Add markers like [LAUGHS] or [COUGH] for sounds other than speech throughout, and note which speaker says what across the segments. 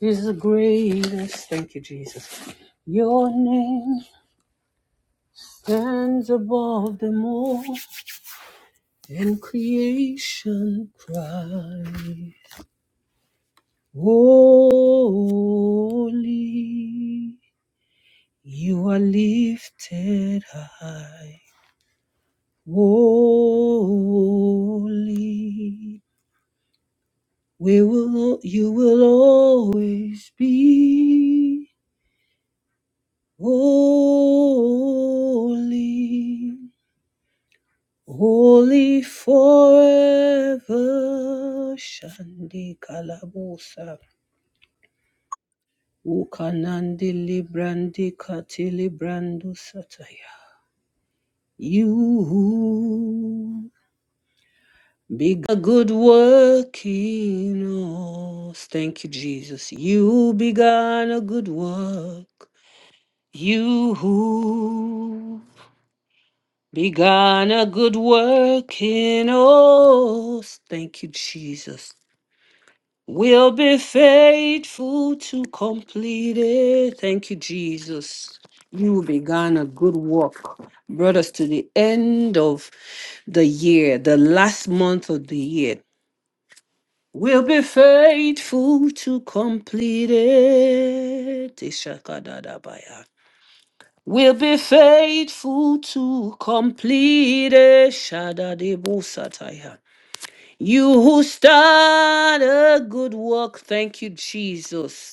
Speaker 1: is the greatest. Thank you, Jesus. Your name stands above them all, and creation cries, Holy, you are lifted high. Holy, we will, you will always be holy. Holy forever, Shandi Kalabusa, Ukanandi Librandi Katili Brandu Sataya. You big a good work in us. Thank you, Jesus. You began a good work. You who began a good work in us. Thank you, Jesus. will be faithful to complete it. Thank you, Jesus. You began a good work, brought us to the end of the year, the last month of the year. We'll be faithful to complete it. Ishakadadabaya. We'll be faithful to complete it. Shadadebosataya. You who start a good work, thank you, Jesus.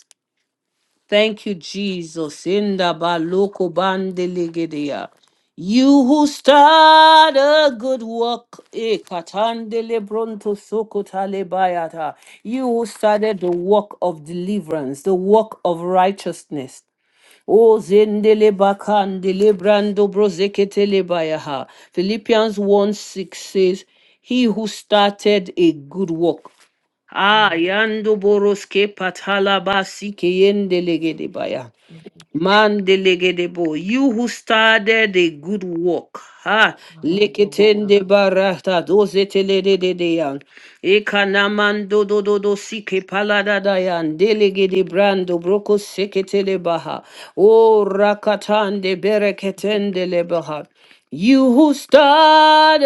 Speaker 1: Thank you, Jesus. Inda baloko bandelegedea. You who start a good work, eh, katandele bronto soko talebayata. you who started the work of deliverance, the work of righteousness, O zendele bakandele brando brozeketele bayaha. Philippians 1 6 says, He who started a good work. Ah,
Speaker 2: Mm,
Speaker 1: yando boroske patala basi ke yendele gede baya.
Speaker 2: Thank you, Jesus.
Speaker 1: Mandelegedebo, you who started a good work, ha,
Speaker 2: Hallelujah.
Speaker 1: leketende barata, dozetelededeyan, ekanamando dododo sike palada dayan. delegede brando broko seketele baha, o rakatande bereketende lebaha. You who started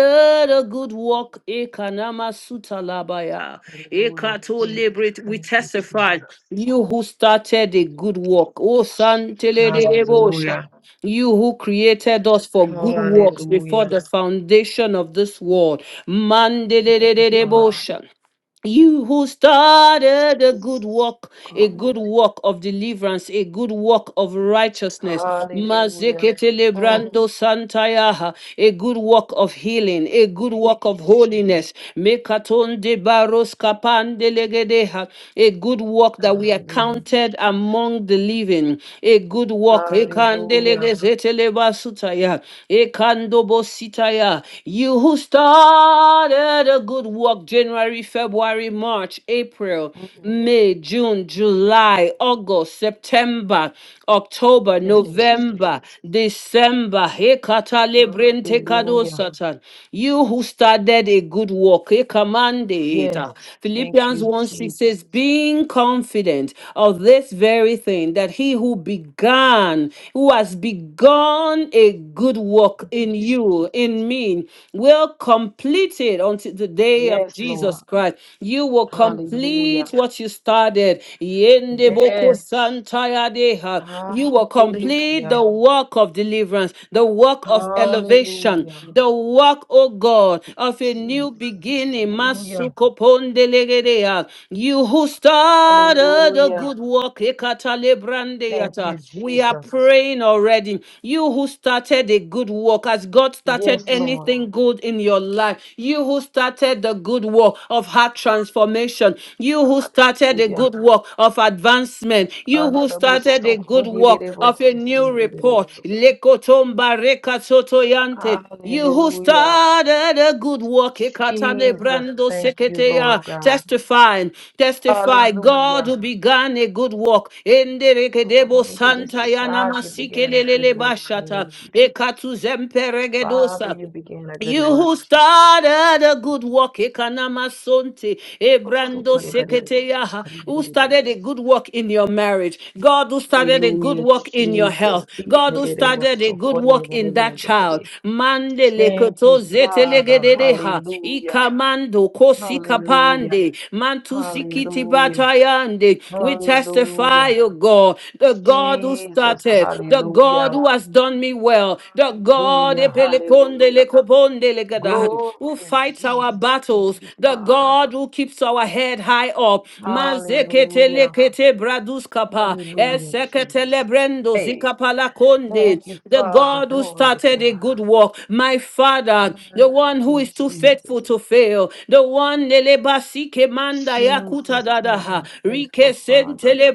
Speaker 1: a good work, Ekanama Sutalabaya,
Speaker 2: Hallelujah,
Speaker 1: Ekato
Speaker 2: Jesus.
Speaker 1: Librit, we
Speaker 2: Thank you,
Speaker 1: testify.
Speaker 2: Jesus.
Speaker 1: You who started a good work. Oh, Santele de Debosha.
Speaker 2: Hallelujah.
Speaker 1: You who created us for good works before
Speaker 2: Hallelujah.
Speaker 1: the foundation of this world.
Speaker 2: Thank
Speaker 1: Mandele
Speaker 2: you,
Speaker 1: de
Speaker 2: Father.
Speaker 1: Debosha you who started a good
Speaker 2: Jesus.
Speaker 1: work, a
Speaker 2: Glory
Speaker 1: good
Speaker 2: God.
Speaker 1: work of deliverance, a good work of righteousness,
Speaker 2: Hallelujah.
Speaker 1: Mazeketele
Speaker 2: Mm,
Speaker 1: brando santayaha, a good work of healing, a good
Speaker 2: Thank
Speaker 1: work
Speaker 2: you,
Speaker 1: of
Speaker 2: Jesus.
Speaker 1: holiness, Mekatonde baros kapandelegedeha, a good work that we are
Speaker 2: Hallelujah.
Speaker 1: counted
Speaker 2: Jesus.
Speaker 1: among the living, a good work,
Speaker 2: Hallelujah.
Speaker 1: Ekandelegezetele basutaya, Ekandobositaya. you who started a good work of January, February, March, April,
Speaker 2: Mm,
Speaker 1: May, June, July, August, September, October,
Speaker 2: Thank you,
Speaker 1: November,
Speaker 2: Jesus.
Speaker 1: December. Hekata lebrente kado
Speaker 2: Hallelujah.
Speaker 1: satan. You who started a good work, he commanded it.
Speaker 2: Yes.
Speaker 1: Ah,
Speaker 2: Thank
Speaker 1: Philippians
Speaker 2: you,
Speaker 1: 1 6
Speaker 2: Jesus.
Speaker 1: says, Being confident of this very thing, that he who began, who has begun a good work
Speaker 2: Thank you,
Speaker 1: in
Speaker 2: Jesus.
Speaker 1: you, in me, will complete it until the day of
Speaker 2: Yes, Lord.
Speaker 1: Jesus Christ. You will
Speaker 2: Hallelujah.
Speaker 1: complete what you started. Yende boko
Speaker 2: Yes.
Speaker 1: santaya deha. You will complete
Speaker 2: Hallelujah.
Speaker 1: the work of deliverance, the work of elevation,
Speaker 2: Hallelujah.
Speaker 1: the work, oh God, of a new
Speaker 2: Jesus.
Speaker 1: beginning.
Speaker 2: Hallelujah.
Speaker 1: Masuko pondelegedea. You who started a
Speaker 2: Hallelujah.
Speaker 1: good work, ekata
Speaker 2: Thank
Speaker 1: lebrandeyata.
Speaker 2: you,
Speaker 1: we are
Speaker 2: Jesus.
Speaker 1: praying already. You who started a good work, has God started
Speaker 2: Yes, Lord.
Speaker 1: anything good in your your life. You who started the good work of heart transformation. You who started a
Speaker 2: Hallelujah.
Speaker 1: good work of advancement. You who started a
Speaker 2: Adadaboso.
Speaker 1: good work of a
Speaker 2: Bodididibosisi.
Speaker 1: new report.
Speaker 2: Adidaboso.
Speaker 1: Lekotomba rekatotoyante. You who
Speaker 2: Hallelujah.
Speaker 1: started a good work, Ekatane
Speaker 2: Jesus.
Speaker 1: Brando
Speaker 2: Thank you,
Speaker 1: Seketeya,
Speaker 2: Lord God.
Speaker 1: testifying, testify, God
Speaker 2: Hallelujah.
Speaker 1: who began a good work.
Speaker 2: So
Speaker 1: Enderekedebo
Speaker 2: call it it is
Speaker 1: Santa Yana
Speaker 2: God. You began a good
Speaker 1: Masikelele
Speaker 2: work in me,
Speaker 1: Bashata,
Speaker 2: Jesus.
Speaker 1: Ekatu
Speaker 2: Father,
Speaker 1: Zemperegedosa,
Speaker 2: you began a good
Speaker 1: you
Speaker 2: work,
Speaker 1: who
Speaker 2: Jesus.
Speaker 1: started a good work, Ekanama Sonte, Ebrando Seketeyaha, who started a good work in your marriage, God who started a good
Speaker 2: Hallelujah,
Speaker 1: work in your
Speaker 2: Jesus.
Speaker 1: health, God who started a good work in that child, Mandele
Speaker 2: Thank you,
Speaker 1: Koto
Speaker 2: Father.
Speaker 1: Zetelegedeha,
Speaker 2: Hallelujah.
Speaker 1: Ikamando
Speaker 2: Hallelujah.
Speaker 1: Kosikapande, Mantusikiti
Speaker 2: Hallelujah.
Speaker 1: Batayande, we testify,
Speaker 2: Hallelujah.
Speaker 1: O God, the God who
Speaker 2: Jesus.
Speaker 1: started, the God
Speaker 2: Hallelujah.
Speaker 1: who has done done me well. The God
Speaker 2: Hallelujah.
Speaker 1: epelekonde
Speaker 2: Hallelujah.
Speaker 1: lekobonde legada,
Speaker 2: Glory
Speaker 1: who
Speaker 2: to
Speaker 1: fights our
Speaker 2: Jesus. Thank
Speaker 1: battles.
Speaker 2: you,
Speaker 1: The
Speaker 2: Father.
Speaker 1: God who keeps our head high up. Mazekete
Speaker 2: Hallelujah.
Speaker 1: lekete braduskapa.
Speaker 2: Hallelujah, Jesus.
Speaker 1: Esekete lebrendo
Speaker 2: Hey,
Speaker 1: zikapa lakonde.
Speaker 2: Thank you,
Speaker 1: The
Speaker 2: Father.
Speaker 1: God who
Speaker 2: Glory to
Speaker 1: started a
Speaker 2: God.
Speaker 1: good work. My Father, the one who
Speaker 2: Hallelujah,
Speaker 1: is too
Speaker 2: Jesus.
Speaker 1: faithful to fail. The one nelebasike manda yakuta
Speaker 2: Jesus, thank
Speaker 1: dadaha.
Speaker 2: you,
Speaker 1: Rike
Speaker 2: faithful Father.
Speaker 1: sentele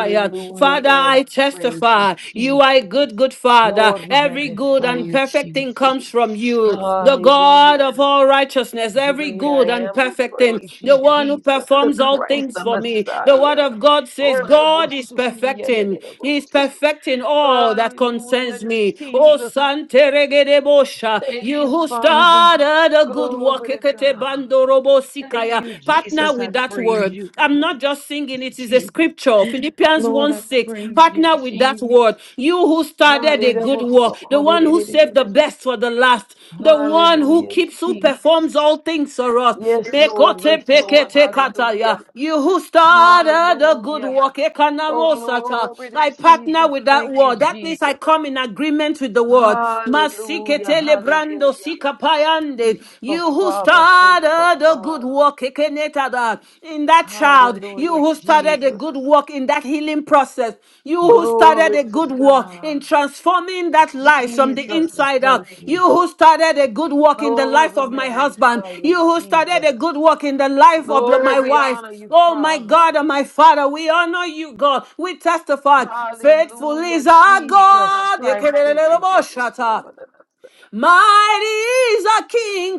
Speaker 1: Zion. Father,
Speaker 2: Lord. We
Speaker 1: I
Speaker 2: praise you,
Speaker 1: testify, you are a
Speaker 2: Jesus.
Speaker 1: good, good Father.
Speaker 2: Lord, we
Speaker 1: Every good
Speaker 2: magnify
Speaker 1: and
Speaker 2: you,
Speaker 1: perfect thing
Speaker 2: Jesus.
Speaker 1: comes from you, the God
Speaker 2: Hallelujah.
Speaker 1: of all righteousness. Every
Speaker 2: Great I
Speaker 1: good and
Speaker 2: am. We
Speaker 1: perfect thing,
Speaker 2: praise you,
Speaker 1: the one who
Speaker 2: Jesus, the
Speaker 1: performs all
Speaker 2: Christ,
Speaker 1: things
Speaker 2: the
Speaker 1: for me. The word
Speaker 2: Messiah.
Speaker 1: of God says, God is perfecting, He is perfecting all that concerns
Speaker 2: Hallelujah,
Speaker 1: me. Oh,
Speaker 2: Jesus.
Speaker 1: Sante Regedebosha,
Speaker 2: Thank
Speaker 1: you
Speaker 2: you,
Speaker 1: who
Speaker 2: Father.
Speaker 1: started a good work,
Speaker 2: Glory to
Speaker 1: Ekete
Speaker 2: God.
Speaker 1: Bandorobo
Speaker 2: Thank
Speaker 1: Sikaya,
Speaker 2: you,
Speaker 1: partner
Speaker 2: Jesus. I
Speaker 1: with that that
Speaker 2: praise
Speaker 1: word.
Speaker 2: you.
Speaker 1: I'm not just singing, it is a
Speaker 2: Jesus.
Speaker 1: scripture. Philippians
Speaker 2: Lord,
Speaker 1: 1
Speaker 2: I
Speaker 1: 6.
Speaker 2: praise you,
Speaker 1: Partner with that word.
Speaker 2: Jesus.
Speaker 1: You who started a good
Speaker 2: Hallelujah.
Speaker 1: work, the one who saved the best for the last, the one who
Speaker 2: Hallelujah,
Speaker 1: keeps, who performs
Speaker 2: Jesus.
Speaker 1: all things for us.
Speaker 2: Yes, Lord. Yes,
Speaker 1: Mekote
Speaker 2: Lord.
Speaker 1: pekete kataya.
Speaker 2: Hallelujah.
Speaker 1: You who started a good
Speaker 2: Hallelujah.
Speaker 1: work,
Speaker 2: Oh,
Speaker 1: ekanamosata.
Speaker 2: glory to
Speaker 1: I partner
Speaker 2: Jesus.
Speaker 1: with that
Speaker 2: Thank you,
Speaker 1: word. That means I
Speaker 2: Jesus.
Speaker 1: come in agreement with the word.
Speaker 2: Hallelujah.
Speaker 1: Masikete lebrando
Speaker 2: Hallelujah.
Speaker 1: sikapayande.
Speaker 2: For
Speaker 1: You you who
Speaker 2: Father, faithful
Speaker 1: started the good
Speaker 2: Father.
Speaker 1: work Ekenetada, in that child, you
Speaker 2: Hallelujah,
Speaker 1: who started the
Speaker 2: Jesus.
Speaker 1: good work in that healing process, you who started
Speaker 2: Glory
Speaker 1: a
Speaker 2: to
Speaker 1: good work
Speaker 2: God.
Speaker 1: in transforming that life from the
Speaker 2: Jesus, we
Speaker 1: inside out,
Speaker 2: thank
Speaker 1: you
Speaker 2: you.
Speaker 1: who started a good work in the
Speaker 2: Lord,
Speaker 1: life
Speaker 2: we
Speaker 1: of my husband,
Speaker 2: magnify
Speaker 1: you
Speaker 2: you,
Speaker 1: who started
Speaker 2: Jesus.
Speaker 1: a good work in the life of the- my
Speaker 2: Lord, we
Speaker 1: wife.
Speaker 2: honor you,
Speaker 1: Oh my
Speaker 2: Father.
Speaker 1: God and my Father, we honor you, God. We testify. Faithful
Speaker 2: Hallelujah,
Speaker 1: is our
Speaker 2: Jesus
Speaker 1: God.
Speaker 2: Christ. Hallelujah,
Speaker 1: Mighty is a King.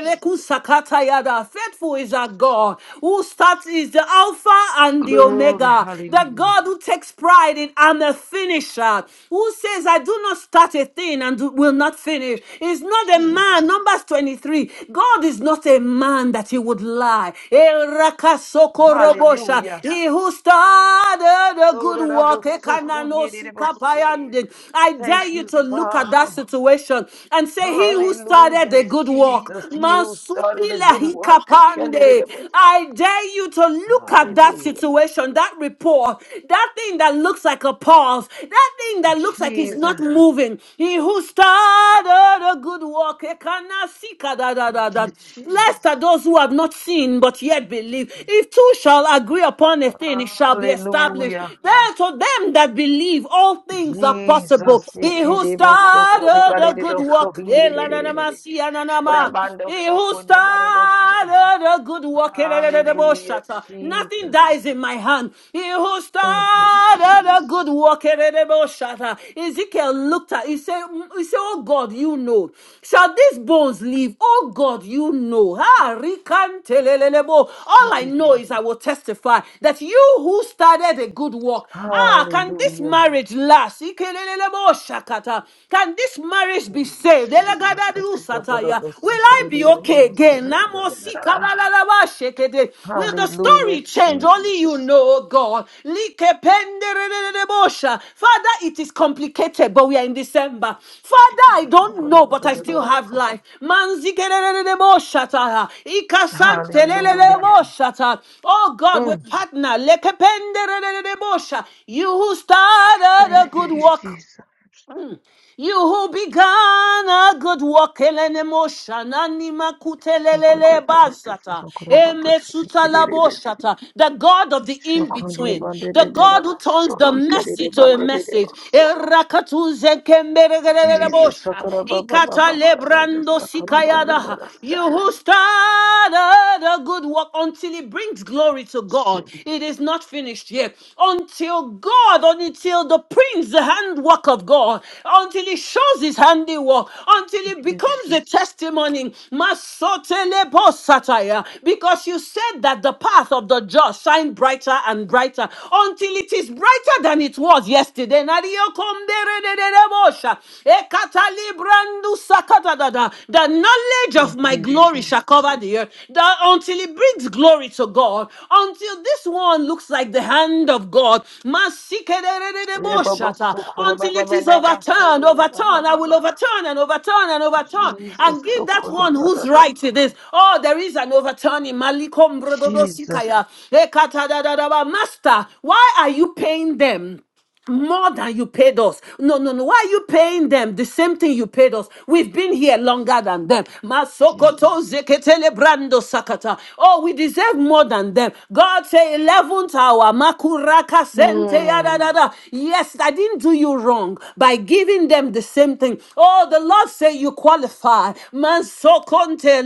Speaker 2: Jesus.
Speaker 1: yada. Faithful is our God. Who starts is the Alpha and the
Speaker 2: Glory,
Speaker 1: Omega. The
Speaker 2: hallelujah,
Speaker 1: God who takes pride in I'm a finisher. Who says, I do not start a thing and do- will not finish. It's not a man.
Speaker 2: Jesus.
Speaker 1: Numbers 23. God is not a man that he would lie. Erakasokorobosha.
Speaker 2: Hallelujah.
Speaker 1: He who started a good work. Ekananosikapayan. I
Speaker 2: Thank
Speaker 1: dare you
Speaker 2: you,
Speaker 1: to look at that
Speaker 2: Father.
Speaker 1: situation and say, He who started
Speaker 2: Hallelujah,
Speaker 1: the good work,
Speaker 2: Jesus. He who started a
Speaker 1: Masupila
Speaker 2: good work, he can
Speaker 1: Hikapande. I dare you to look at that
Speaker 2: Hallelujah.
Speaker 1: situation, that report, that thing that looks like a pause, that thing that looks like it's not
Speaker 2: Jesus.
Speaker 1: moving. He who started a good work, Ekanasika da da da
Speaker 2: Thank
Speaker 1: da.
Speaker 2: you,
Speaker 1: Blessed
Speaker 2: Jesus.
Speaker 1: are those who have not seen but yet believe. If two shall agree upon a thing, it shall be established.
Speaker 2: Hallelujah.
Speaker 1: There to them that believe, all things are
Speaker 2: Jesus.
Speaker 1: possible. He who started
Speaker 2: Ikedebo sokode
Speaker 1: started a good
Speaker 2: baledo
Speaker 1: work, eh,
Speaker 2: sohinde de
Speaker 1: la,
Speaker 2: de
Speaker 1: na,
Speaker 2: de
Speaker 1: na,
Speaker 2: de
Speaker 1: ma,
Speaker 2: de.
Speaker 1: si,
Speaker 2: Brabando
Speaker 1: he who
Speaker 2: sokode baledo se.
Speaker 1: started a good work, eh, la, la, la, la, bo,
Speaker 2: Hallelujah,
Speaker 1: nothing
Speaker 2: Jesus.
Speaker 1: dies in my hand. He who
Speaker 2: Thank you,
Speaker 1: started a
Speaker 2: Jesus.
Speaker 1: good work, eh, la, la, bo, shata. Ezekiel looked at, he said, "Mm, he said, oh God, you know, shall these bones live? Oh God, you know. Ah, rikante, le, le, le, bo. All I know
Speaker 2: Jesus.
Speaker 1: is I will testify that you who started a good work, ah, can this
Speaker 2: Hallelujah.
Speaker 1: marriage last? shakata. Can this marriage
Speaker 2: Oh,
Speaker 1: be saved?
Speaker 2: Jesus. Thank
Speaker 1: Elegadadu
Speaker 2: you,
Speaker 1: sataya.
Speaker 2: Jabalodo
Speaker 1: Will I
Speaker 2: sokode de
Speaker 1: be
Speaker 2: de de
Speaker 1: okay
Speaker 2: de
Speaker 1: again?
Speaker 2: sokode de
Speaker 1: Namo
Speaker 2: de de de de.
Speaker 1: sikalalaba shekede. Will the
Speaker 2: Hallelujah,
Speaker 1: story change? Only
Speaker 2: Jesus.
Speaker 1: you know, God. Likependerededebosha. Father, it is complicated, but we are in December. Father, I
Speaker 2: Jesus.
Speaker 1: don't
Speaker 2: sokode
Speaker 1: know, but I still
Speaker 2: baledo
Speaker 1: have
Speaker 2: so.
Speaker 1: life. Manzikeredededeboshataya.
Speaker 2: Hallelujah.
Speaker 1: Ikasanteleleleboshata. Oh God, we
Speaker 2: Mm.
Speaker 1: partner. Lekependerededebosha. You who started a
Speaker 2: Thank
Speaker 1: good
Speaker 2: you,
Speaker 1: work
Speaker 2: Jesus.
Speaker 1: you who began a good work, elene motion, anima
Speaker 2: So content
Speaker 1: kutelelele
Speaker 2: about the
Speaker 1: basata,
Speaker 2: Father, God about the
Speaker 1: eme
Speaker 2: sea,
Speaker 1: suta
Speaker 2: get it
Speaker 1: labo
Speaker 2: is.
Speaker 1: the God of the
Speaker 2: So content
Speaker 1: in-between,
Speaker 2: about the
Speaker 1: the
Speaker 2: devil,
Speaker 1: God who turns
Speaker 2: so
Speaker 1: the
Speaker 2: he get it
Speaker 1: message to
Speaker 2: about
Speaker 1: a
Speaker 2: the
Speaker 1: message.
Speaker 2: devil, so
Speaker 1: Erakatu zekemberegerele
Speaker 2: Jesus,
Speaker 1: bosha,
Speaker 2: Sakura Baba
Speaker 1: ikata
Speaker 2: Baba, Sada, the
Speaker 1: lebrando
Speaker 2: Sakura Brother,
Speaker 1: sikayada.
Speaker 2: the Saya.
Speaker 1: You who started a good work until it brings glory to God. It
Speaker 2: Jesus,
Speaker 1: is not finished yet. Until God, until the Prince is the handwork of God, until He shows His handiwork, until
Speaker 2: thank
Speaker 1: it
Speaker 2: you,
Speaker 1: becomes a
Speaker 2: Jesus.
Speaker 1: testimony. Masotelebo satire Because you said that the path of the just shine brighter and brighter until it is brighter than it was yesterday. Nariokomderedededebosha. Ekatalibrandusakatadada. The knowledge of
Speaker 2: Thank
Speaker 1: my
Speaker 2: you,
Speaker 1: glory shall
Speaker 2: Jesus.
Speaker 1: cover the earth That until it brings glory to God, until this one looks like the hand of God.
Speaker 2: Yeah, Baba,
Speaker 1: Masikerererereboshata.
Speaker 2: Sakura
Speaker 1: Until
Speaker 2: Baba
Speaker 1: it is
Speaker 2: Baba,
Speaker 1: overturned,
Speaker 2: Sada, Baba
Speaker 1: overturned, I will
Speaker 2: Baba.
Speaker 1: overturn and overturn and overturn and
Speaker 2: Jesus,
Speaker 1: give that
Speaker 2: Sakura
Speaker 1: one whose
Speaker 2: Baba
Speaker 1: right
Speaker 2: Baba.
Speaker 1: it is. Oh, there is an overturning. Malikom
Speaker 2: Jesus,
Speaker 1: brododosikaya. Ekatadadadaba. Master, why are you paying them? more than you paid us. No, no, no. Why are you paying them the same thing you paid us? We've been here longer than them.
Speaker 2: Jesus.
Speaker 1: Masokoto zeketele brando sakata. Oh, we deserve more than them. God say, 11th hour. Makuraka sente
Speaker 2: Hmm.
Speaker 1: yadadada. Yes, I didn't do you wrong by giving them the same thing. Oh, the Lord say you qualify. Mansokonte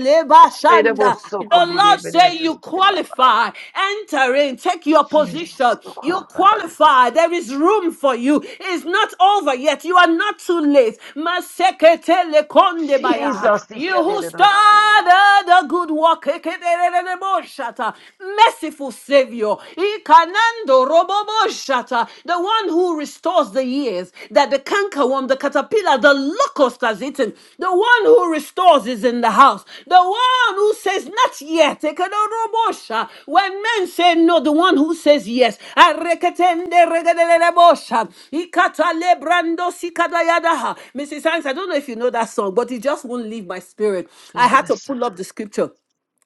Speaker 2: Jesus.
Speaker 1: shanda.
Speaker 2: so
Speaker 1: The
Speaker 2: cool
Speaker 1: Lord say you qualify. Enter in, take your position. You
Speaker 2: about this.
Speaker 1: qualify. There is room for you. It's not over yet. You are not too late. Maseketele konde baya.
Speaker 2: Jesus. he
Speaker 1: You
Speaker 2: can do
Speaker 1: who
Speaker 2: it also.
Speaker 1: started the good work. eketerelelebo shata. Merciful Savior. Ikanando robobo shata. The one who restores the years that the cankerworm, the caterpillar, the locust has eaten. The one who restores is in the house. The one who says, Not yet. Ekedorobosha. When men say no, the one who says yes. Areketende regedelelebosha. Ikatalebrando sikadayadaha. Mrs. Hanks, I don't know if you know that song, but it just won't leave my spirit. I had to
Speaker 2: Jesus.
Speaker 1: pull up the scripture.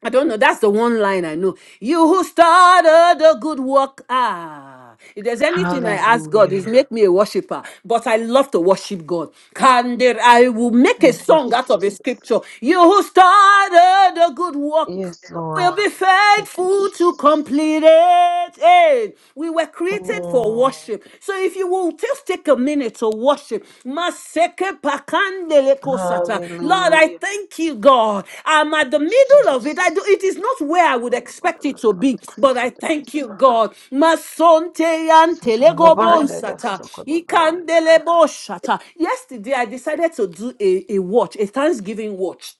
Speaker 1: I don't know. That's the one line I know. You who started the good work. Ah, if there's anything I ask God, is
Speaker 2: Hallelujah.
Speaker 1: make me a worshiper. But I love to worship God. Can there, I will make a
Speaker 2: Thank you,
Speaker 1: song out of a
Speaker 2: Jesus.
Speaker 1: scripture. You who started the good work
Speaker 2: Yes, Lord.
Speaker 1: will be
Speaker 2: Thank you,
Speaker 1: faithful to
Speaker 2: Jesus.
Speaker 1: complete it. Hey, we were created for
Speaker 2: Mm.
Speaker 1: worship. So if you will just take a minute to worship. Maseke pakandele kosata. Lord, I
Speaker 2: Hallelujah.
Speaker 1: thank you, God. I'm at the middle of it. I
Speaker 2: Jesus.
Speaker 1: do, it is not where I
Speaker 2: So
Speaker 1: would
Speaker 2: good about
Speaker 1: expect
Speaker 2: it,
Speaker 1: it
Speaker 2: that's
Speaker 1: to
Speaker 2: not
Speaker 1: be,
Speaker 2: it, so
Speaker 1: but
Speaker 2: good
Speaker 1: I
Speaker 2: about it,
Speaker 1: thank
Speaker 2: that's
Speaker 1: you,
Speaker 2: not-
Speaker 1: God. Masonte
Speaker 2: so
Speaker 1: yantele
Speaker 2: good about it, that's
Speaker 1: gobonsata.
Speaker 2: so good about it, that's
Speaker 1: Ikandele boshata. Yesterday, I decided to do a, a watch, a Thanksgiving watch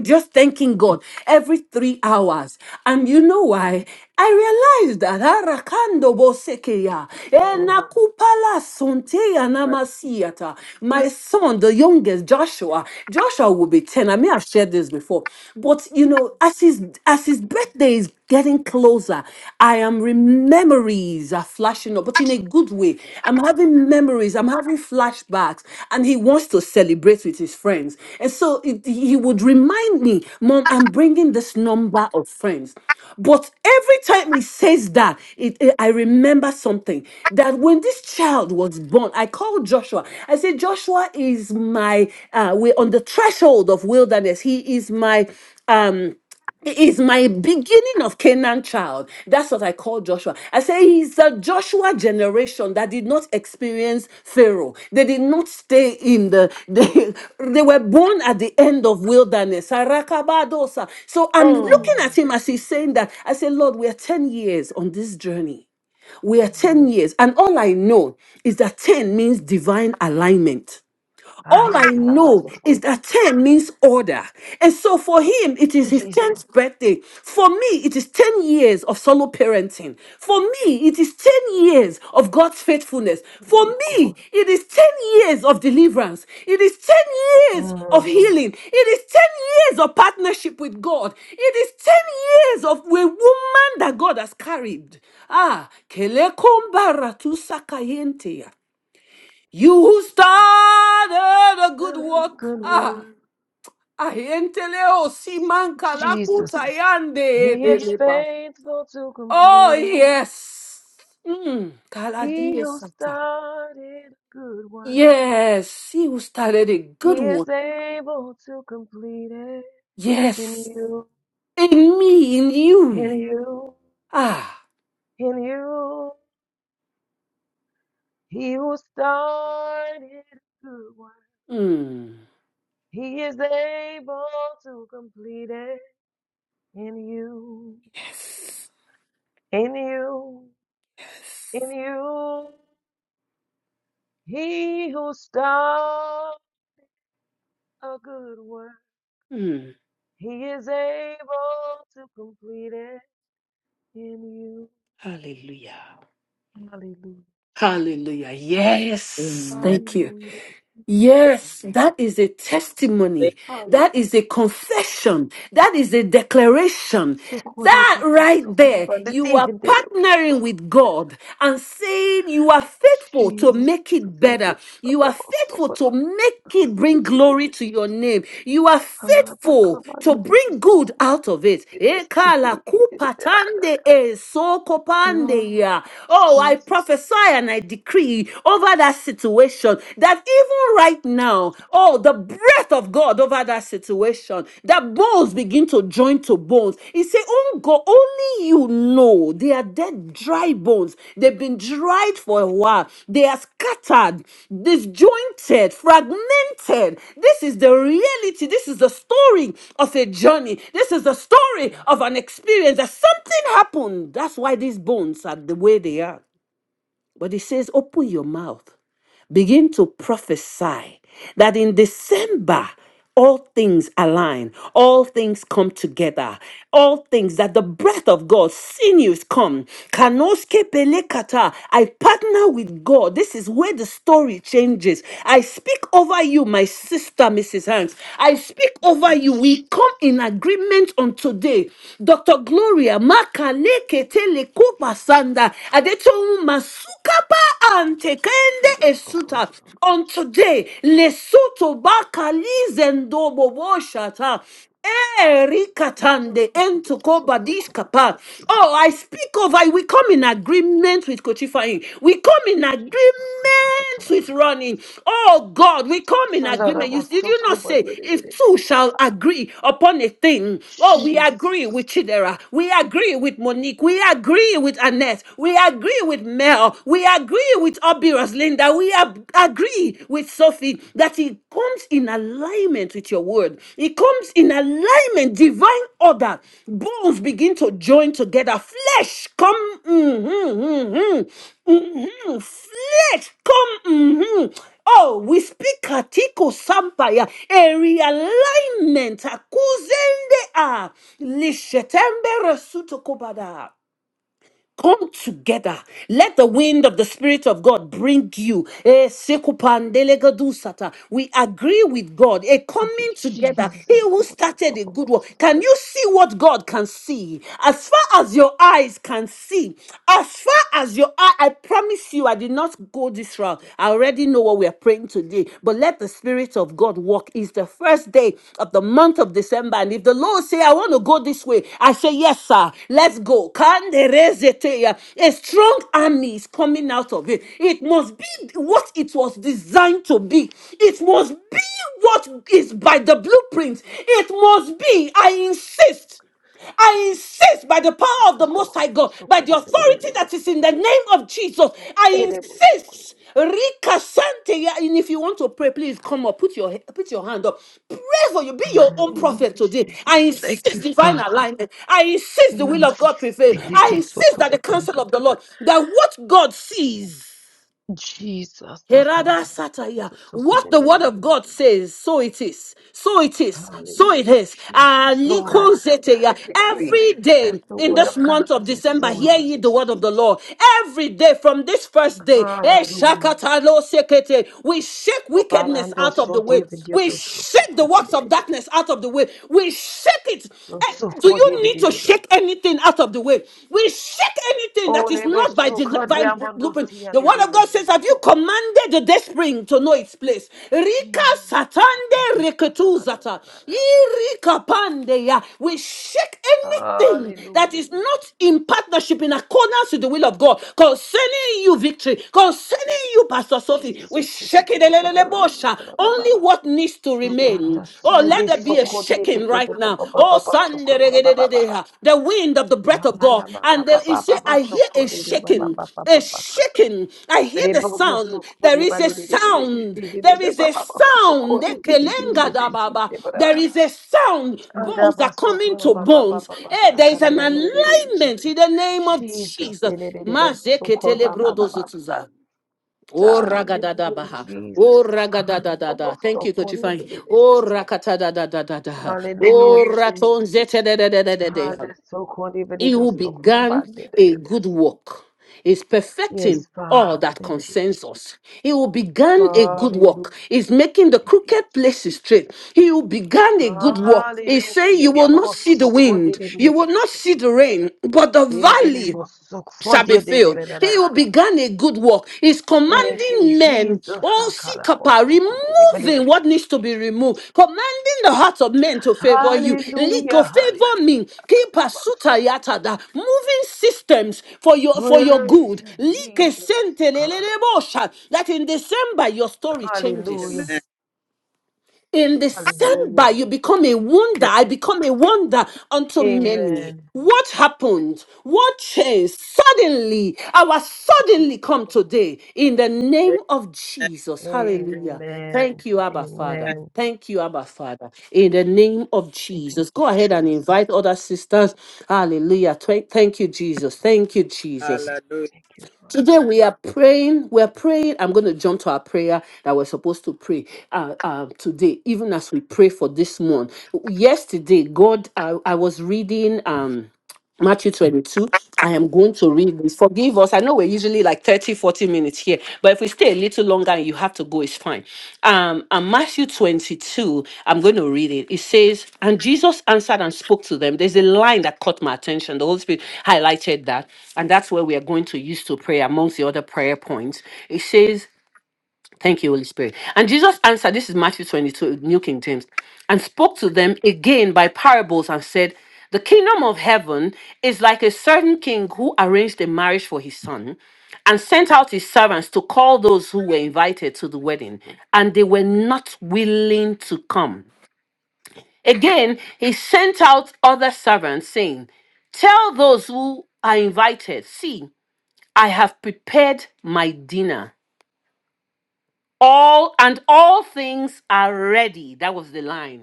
Speaker 1: just thanking God every three hours. And you know why? I realized that Arakando Bosekeya,
Speaker 2: not- Mm.
Speaker 1: Enakupala Sunteya
Speaker 3: Right.
Speaker 1: Namasiata, my son, the youngest Joshua, Joshua will be 10. I may have shared this before, but you know, as his as his birthday is getting closer, I am rem- memories are flashing up, but in a good way. I'm having memories. I'm having flashbacks. And he wants to celebrate with his friends. And so it, he would remind me, Mom, I'm bringing this number of friends. But every time he says that, it, it- I remember something that when this child was born, I called Joshua. I said, Joshua is my, uh, we're on the threshold of wilderness. He is my, um, he Is my beginning of Canaan child. That's what I call Joshua. I say he's a Joshua generation that did not experience Pharaoh. They did not stay in the, [LAUGHS] they, they were born at the end of wilderness. Sarakabadosa. So I'm looking
Speaker 2: Mm.
Speaker 1: Mm, at
Speaker 2: Thank
Speaker 1: him
Speaker 2: you,
Speaker 1: as he's
Speaker 2: Jesus.
Speaker 1: saying that. I say, Lord, we are 10 years on this journey. We are
Speaker 2: Mm.
Speaker 1: 10 mm, years. And all I know is that 10 means divine alignment.
Speaker 2: Ah,
Speaker 1: All
Speaker 2: yeah,
Speaker 1: I
Speaker 2: God, I was
Speaker 1: know
Speaker 2: so
Speaker 1: is
Speaker 2: good.
Speaker 1: that 10 means order. And so for him, it is his
Speaker 2: Jesus.
Speaker 1: 10th birthday. For me, it is 10 years of solo parenting. For me, it is 10 years of God's faithfulness.
Speaker 2: Yeah,
Speaker 1: For
Speaker 2: Lord.
Speaker 1: me, it is 10 years of deliverance. It is 10 years of
Speaker 2: Mm.
Speaker 1: healing. It is 10 years of partnership with God. It is 10 years of a woman that God has carried. Ah, kelekombaratu sakayentea. You who started a
Speaker 2: Uh,
Speaker 1: good work.
Speaker 2: Good
Speaker 1: Ah,
Speaker 2: work.
Speaker 1: ahentele o simanka
Speaker 2: Jesus.
Speaker 1: lakuta yande
Speaker 2: He is
Speaker 1: delepa.
Speaker 2: faithful to
Speaker 1: Oh,
Speaker 2: complete it.
Speaker 1: yes. Mm.
Speaker 2: He
Speaker 1: kaladie
Speaker 2: who
Speaker 1: sata.
Speaker 2: started a good one,
Speaker 1: Yes, he who started a
Speaker 2: He
Speaker 1: good
Speaker 2: is
Speaker 1: work.
Speaker 2: able to complete it in
Speaker 1: Yes,
Speaker 2: you,
Speaker 1: in me, in
Speaker 2: in
Speaker 1: you.
Speaker 2: you,
Speaker 1: Ah,
Speaker 2: in you. He who started a good one,
Speaker 1: mm.
Speaker 2: He is able to complete it in you,
Speaker 1: yes.
Speaker 2: in you,
Speaker 1: yes.
Speaker 2: in you. He who started a good work,
Speaker 1: Mm.
Speaker 2: he is able to complete it in you.
Speaker 1: Hallelujah.
Speaker 2: Hallelujah. Jesus.
Speaker 1: Hallelujah. Yes.
Speaker 3: Amen.
Speaker 1: Thank you.
Speaker 2: Hallelujah. Jesus.
Speaker 1: Yes, that is a testimony.
Speaker 2: Hallelujah.
Speaker 1: That is a confession. That is a declaration that
Speaker 2: Socorreboto,
Speaker 1: right there,
Speaker 2: socorreboto,
Speaker 1: you are partnering
Speaker 2: socorreboto.
Speaker 1: with God and saying you are faithful to
Speaker 2: Jesus.
Speaker 1: make it better. You are
Speaker 2: Socorreboto,
Speaker 1: faithful
Speaker 2: socorreboto.
Speaker 1: to make it bring glory to your name. You are faithful to
Speaker 2: Hanabakamandito,
Speaker 1: bring good
Speaker 2: socorreboto.
Speaker 1: out of it. Ekala kupatande
Speaker 2: Oh,
Speaker 1: esokopande ya. Oh, I prophesy
Speaker 2: Jesus.
Speaker 1: and I decree over that situation that even right now, oh, Oh, the breath of God over that situation, that bones begin to join to bones. He said, Oh God, only you know they are dead, dry bones. They've been dried for a while. They are scattered, disjointed, fragmented. This is the reality. This is the story of a journey. This is the story of an experience that something happened. That's why these bones are the way they are. But he says, Open your mouth begin to prophesy that in December, all things align, all things come together, all things that the breath of God, sinews come. Kanoske pelekata. I partner with God. This is where the story changes. I speak over you, my sister, Mrs. Hanks. I speak over you. We
Speaker 2: Jesus.
Speaker 1: come in agreement on today. Dr. Gloria, Makaleke Telekupa Sanda, Adetowu Masuka antekende esuta. On today, lesuto bakalizendo bobo shata.
Speaker 2: So
Speaker 1: Erikatande
Speaker 2: did it,
Speaker 1: entukoba
Speaker 2: so could it
Speaker 1: dishkapa.
Speaker 2: be seen,
Speaker 1: Oh,
Speaker 2: did
Speaker 1: I
Speaker 2: it?
Speaker 1: speak of I. We come in agreement with Kochifain. We come in agreement
Speaker 2: Jesus, so could it be like a
Speaker 1: with running. Oh God, we come in agreement. You
Speaker 2: Salarabo
Speaker 1: did you
Speaker 2: soko
Speaker 1: not say if
Speaker 2: baliyerere.
Speaker 1: two shall agree upon a thing? Oh, we agree
Speaker 2: Jesus.
Speaker 1: with Chidera. We agree with Monique. We agree with Annette. We agree with Mel. We agree with Obiros Linda. We ab- agree with Sophie that it comes in alignment with your word. It comes in alignment, divine order. Bones begin to join together. Flesh come. mhm, mhm, mhm. Flesh come. mhm. Oh, we speak Katiko Sampaya, a realignment, A Akuzende, ah, Lishetembe Resuto Kobada. Come together. Let the wind of the Spirit of God bring you. Eh, sekupandelegadusata. We agree with God. A
Speaker 2: Thank you,
Speaker 1: coming together.
Speaker 2: Jesus.
Speaker 1: He
Speaker 2: Soko
Speaker 1: who
Speaker 2: da
Speaker 1: started
Speaker 2: ba
Speaker 1: a
Speaker 2: ba
Speaker 1: good
Speaker 2: ba
Speaker 1: work.
Speaker 2: ba,
Speaker 1: Can you see what God can see? As far as your eyes can see, as far as your eye, I promise you, I did not go this route. I already know what we are praying today but let the Spirit of God walk. It's the first day of the month of December. And if the Lord say, I want to go this way, I say, yes, sir, let's go. Kanderezeteya. A strong army is coming out of it. It must be what it was designed to be. It must be what is by the blueprint. It must be. I insist. I insist by the power of the
Speaker 2: soko
Speaker 1: Most High
Speaker 2: da
Speaker 1: God, by
Speaker 2: soko da
Speaker 1: the
Speaker 2: ba da da da,
Speaker 1: authority that
Speaker 2: so.
Speaker 1: is in the name of Jesus, I
Speaker 2: Edebo soko da.
Speaker 1: insist. Rika Sante, yeah, and if you want to pray, please come up, put your put your hand up, pray for you, be your own
Speaker 2: Hallelujah,
Speaker 1: prophet today. I
Speaker 2: Jesus. Thank you,
Speaker 1: insist divine
Speaker 2: Father.
Speaker 1: alignment. I insist the will of
Speaker 2: Yes.
Speaker 1: God prevails. I
Speaker 2: Sihito
Speaker 1: insist
Speaker 2: soko
Speaker 1: that
Speaker 2: da
Speaker 1: the
Speaker 2: ba la
Speaker 1: counsel
Speaker 2: ka
Speaker 1: of the
Speaker 2: da da.
Speaker 1: Lord, that what God sees.
Speaker 2: Jesus. Sakalabo
Speaker 1: Herada Sataya.
Speaker 2: soko
Speaker 1: What
Speaker 2: da
Speaker 1: the
Speaker 2: da da
Speaker 1: word of
Speaker 2: da.
Speaker 1: God says, so it is, so it is,
Speaker 2: Hallelujah.
Speaker 1: so it is.
Speaker 2: Jesus, Lord, I
Speaker 1: Aliko
Speaker 2: declare,
Speaker 1: Zeteya.
Speaker 2: I decree,
Speaker 1: Every
Speaker 2: as
Speaker 1: day
Speaker 2: the
Speaker 1: in
Speaker 2: word of
Speaker 1: this
Speaker 2: God
Speaker 1: month of
Speaker 2: says,
Speaker 1: December,
Speaker 2: so it
Speaker 1: hear ye
Speaker 2: is,
Speaker 1: the word of
Speaker 2: Jesus.
Speaker 1: the Lord. Every day from this first day, eh,
Speaker 2: Hallelujah.
Speaker 1: Shakatalo Sekete, we shake wickedness
Speaker 2: Obalando
Speaker 1: out of
Speaker 2: so
Speaker 1: the way. We
Speaker 2: dividido so
Speaker 1: shake take the works of
Speaker 2: dividido.
Speaker 1: darkness out of the way. We shake it.
Speaker 2: Do
Speaker 1: Eh,
Speaker 2: so
Speaker 1: Do you need to
Speaker 2: dividido so.
Speaker 1: shake anything out of the way? We shake anything that
Speaker 2: Oh,
Speaker 1: is
Speaker 2: lebo
Speaker 1: not by
Speaker 2: so
Speaker 1: divine
Speaker 2: cordiamando
Speaker 1: blueprint.
Speaker 2: sia
Speaker 1: The
Speaker 2: de
Speaker 1: word of
Speaker 2: devo
Speaker 1: God says, Have
Speaker 2: so.
Speaker 1: you commanded the dead spring to know its place? Rika
Speaker 2: Jesus.
Speaker 1: satande reketu zata. Irika pande We shake anything that
Speaker 2: Hallelujah,
Speaker 1: is not in partnership in accordance with the will of God concerning you, victory, concerning you, Pastor Sophie. We
Speaker 2: Jesus. Jesus.
Speaker 1: shake it. Elelelebosha.
Speaker 2: Jesus.
Speaker 1: Only what needs to remain.
Speaker 2: Shubhata
Speaker 1: Oh,
Speaker 2: Sandi
Speaker 1: let there be a
Speaker 2: Sokoti
Speaker 1: shaking right
Speaker 2: Patutu
Speaker 1: now.
Speaker 2: Papa
Speaker 1: Oh,
Speaker 2: Papa Sokori Baba Baba
Speaker 1: Sanderegedededeha. the wind of the breath of
Speaker 2: Hala
Speaker 1: God.
Speaker 2: Baka
Speaker 1: And there
Speaker 2: Baba
Speaker 1: is a-
Speaker 2: Baba
Speaker 1: I hear a
Speaker 2: Sokori Baba
Speaker 1: shaking,
Speaker 2: Baba
Speaker 1: a
Speaker 2: Baba
Speaker 1: shaking. I hear the
Speaker 2: Reboto
Speaker 1: sound. There
Speaker 2: Sokori
Speaker 1: is a
Speaker 2: Bali
Speaker 1: sound. There is a
Speaker 2: Baba
Speaker 1: sound.
Speaker 2: Sokori Dividu de Siki
Speaker 1: Ekelengadababa.
Speaker 2: Debra
Speaker 1: There is a sound.
Speaker 2: Anda
Speaker 1: Bones are coming
Speaker 2: Basokora
Speaker 1: to
Speaker 2: Baba
Speaker 1: bones.
Speaker 2: Baba
Speaker 1: Eh,
Speaker 2: Basta
Speaker 1: there is an
Speaker 2: Karabari
Speaker 1: alignment in the name of
Speaker 2: Jesus
Speaker 1: Jesus.
Speaker 2: the little Sokor Baba Basta
Speaker 1: Mazeketelebrodozotuza. Oh ragada da
Speaker 2: Hallelujah
Speaker 1: baha. Oh
Speaker 2: Jesus
Speaker 1: ragada
Speaker 2: Akanda
Speaker 1: da da
Speaker 2: Baba
Speaker 1: da. Thank you, Coach
Speaker 2: Sokori
Speaker 1: Ifeanyi. Oh rakata da da da da da.
Speaker 2: Hallelujah
Speaker 1: Oh raton
Speaker 2: Jesus
Speaker 1: zete da da da da da
Speaker 2: Ah,
Speaker 1: da.
Speaker 2: that's so corny, but
Speaker 1: He
Speaker 2: it
Speaker 1: who
Speaker 2: is so cool
Speaker 1: began
Speaker 2: about that. that
Speaker 1: a
Speaker 2: is-
Speaker 1: good work is
Speaker 2: Yes,
Speaker 1: perfecting all
Speaker 2: Father,
Speaker 1: that
Speaker 2: thank you,
Speaker 1: concerns us.
Speaker 2: Jesus.
Speaker 1: He who began a good work
Speaker 2: Hallelujah.
Speaker 1: is making the
Speaker 2: Thank you,
Speaker 1: crooked places
Speaker 2: Jesus.
Speaker 1: straight. He who began a good work is saying, You
Speaker 2: Hallelujah.
Speaker 1: will
Speaker 2: Baba
Speaker 1: not
Speaker 2: was
Speaker 1: see the
Speaker 2: so cool,
Speaker 1: wind,
Speaker 2: did it, but
Speaker 1: you
Speaker 2: it
Speaker 1: will
Speaker 2: was
Speaker 1: not
Speaker 2: so-
Speaker 1: see the rain, but the
Speaker 2: Yeah, did it
Speaker 1: valley
Speaker 2: was so cool,
Speaker 1: shall be
Speaker 2: did it, but
Speaker 1: filled.
Speaker 2: it- da,
Speaker 1: He
Speaker 2: da, da, da.
Speaker 1: will began a good work. He's
Speaker 2: Thank you,
Speaker 1: commanding men,
Speaker 2: Jesus.
Speaker 1: all
Speaker 2: Sakala was
Speaker 1: sikapa,
Speaker 2: so cool, did it, but
Speaker 1: removing
Speaker 2: it-
Speaker 1: what needs to be removed, commanding the hearts of men to favor you.
Speaker 2: Hallelujah.
Speaker 1: Liko, favor
Speaker 2: Hallelujah.
Speaker 1: me. Keep
Speaker 2: That
Speaker 1: a
Speaker 2: was
Speaker 1: suta
Speaker 2: so cool.
Speaker 1: yatada, moving systems for your for your
Speaker 2: Praise
Speaker 1: good.
Speaker 2: you,
Speaker 1: Like
Speaker 2: Jesus.
Speaker 1: sente
Speaker 2: Sakala was so-
Speaker 1: lelelebosha, That in December your
Speaker 2: cool.
Speaker 1: story changes.
Speaker 2: Hallelujah.
Speaker 3: Amen.
Speaker 1: In
Speaker 2: Hallelujah.
Speaker 1: December, you become a wonder.
Speaker 3: Yeah.
Speaker 1: I become a wonder unto many.
Speaker 2: Amen.
Speaker 1: What happened? What changed? Suddenly, our suddenly come today in the name
Speaker 3: Amen.
Speaker 1: of Jesus. Hallelujah.
Speaker 2: Amen.
Speaker 1: Thank you, Abba Father.
Speaker 2: Amen.
Speaker 1: Thank you, Abba Father. In the name of
Speaker 2: Thank you,
Speaker 1: Jesus. Go ahead and
Speaker 2: Jesus.
Speaker 1: invite other sisters. Hallelujah. Thank thank you, Jesus. Thank you, Jesus.
Speaker 3: Hallelujah.
Speaker 2: Thank you, Father.
Speaker 1: Today we are praying. We're praying. I'm going to jump to our prayer that we're supposed to pray uh, uh, today, even as we pray for this month. Yesterday, God, I, I was reading. Um, Matthew 22. I am going to read this. Forgive us. I know we're usually like 30 40 minutes here, but if we stay a little longer and you have to go, it's fine. Um, and Matthew 22, I'm going to read it. It says, And Jesus answered and spoke to them. There's a line that caught my attention. The Holy Spirit highlighted that. And that's where we are going to use to pray amongst the other prayer points. It says, Thank you, Holy Spirit. And Jesus answered, this is Matthew 22, New King James, and spoke to them again by parables and said, The kingdom of heaven is like a certain king who arranged a marriage for his son and sent out his servants to call those who were invited to the wedding, and they were not willing to come. Again, he sent out other servants, saying, Tell those who are invited, see, I have prepared my dinner all and all things are ready that was the line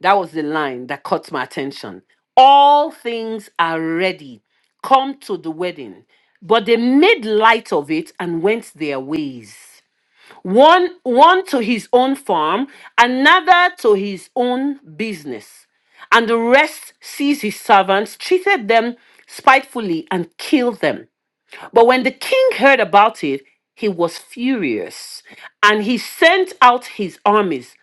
Speaker 1: that was the line that caught my attention all things are ready come to the wedding but they made light of it and went their ways one one to his own farm another to his own business and the rest seized his servants treated them spitefully and killed them but when the king heard about it, he was furious and he sent out his armies,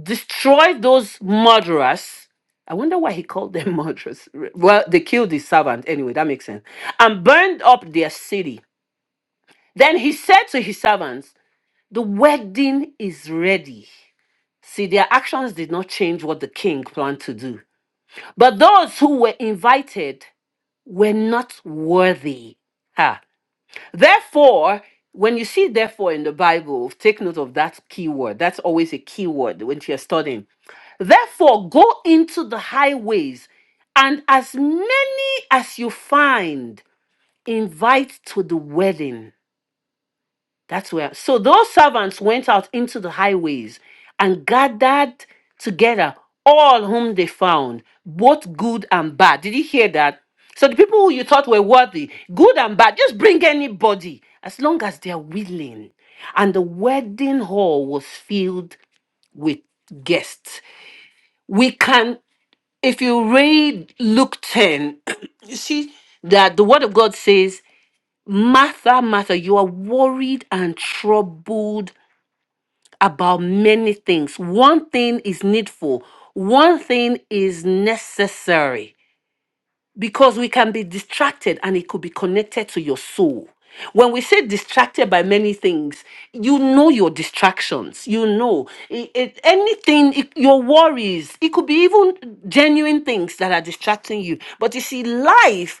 Speaker 1: destroyed those murderers. I wonder why he called them [LAUGHS] murderers. Well, they killed his servant. Anyway, that makes sense. And burned up their city. Then he said to his servants, The wedding is ready. See, their actions did not change what the king planned to do. But those who were invited were not worthy. Ha. Therefore, when you see therefore in the Bible, take note of that key word. That's always a key word when you're studying. Therefore, go into the highways, and as many as you find, invite to the wedding. That's where. So those servants went out into the highways and gathered together all whom they found, both good and bad. Did you hear that? So the people who you thought were worthy, good and bad, just bring anybody as long as they are willing. And the wedding hall was filled with guests. We can, if you read Luke 10, [CLEARS THROAT] you see that the word of God says, Martha, Martha, you are worried and troubled about many things. One thing is needful, one thing is necessary because we can be distracted and it could be connected to your soul. When we say distracted by many things, you know your distractions. You know it, it- anything, it- your worries. It could be even genuine things that are distracting you. But you see, life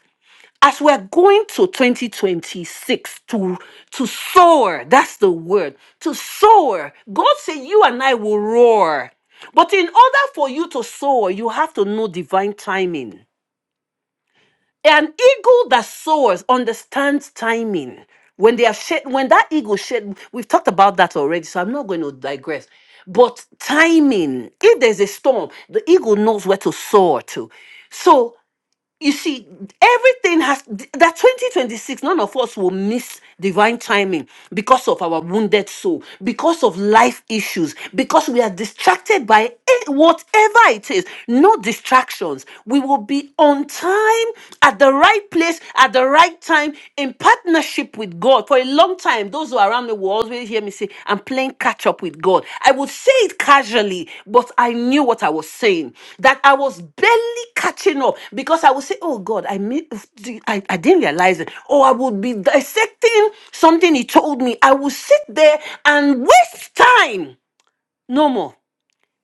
Speaker 1: as we're going to 2026 to to soar that's the word to soar god said you and i will roar but in order for you to soar you have to know divine timing an eagle that soars understands timing when they have shed when that eagle shed we've talked about that already so i'm not going to digress but timing if there's a storm the eagle knows where to soar to so you see, everything has that 2026, none of us will miss divine timing because of our wounded soul, because of life issues, because we are distracted by it- whatever it is. No distractions. We will be on time, at the right place, at the right time, in partnership with God. For a long time, those who are around me will always hear me say, I'm playing catch up with God. I would say it casually, but I knew what I was saying. That I was barely catching up because I would say, Oh God, I mean I, I didn't realize it. Or I would be dissecting something he told me. I would sit there and waste time. No more.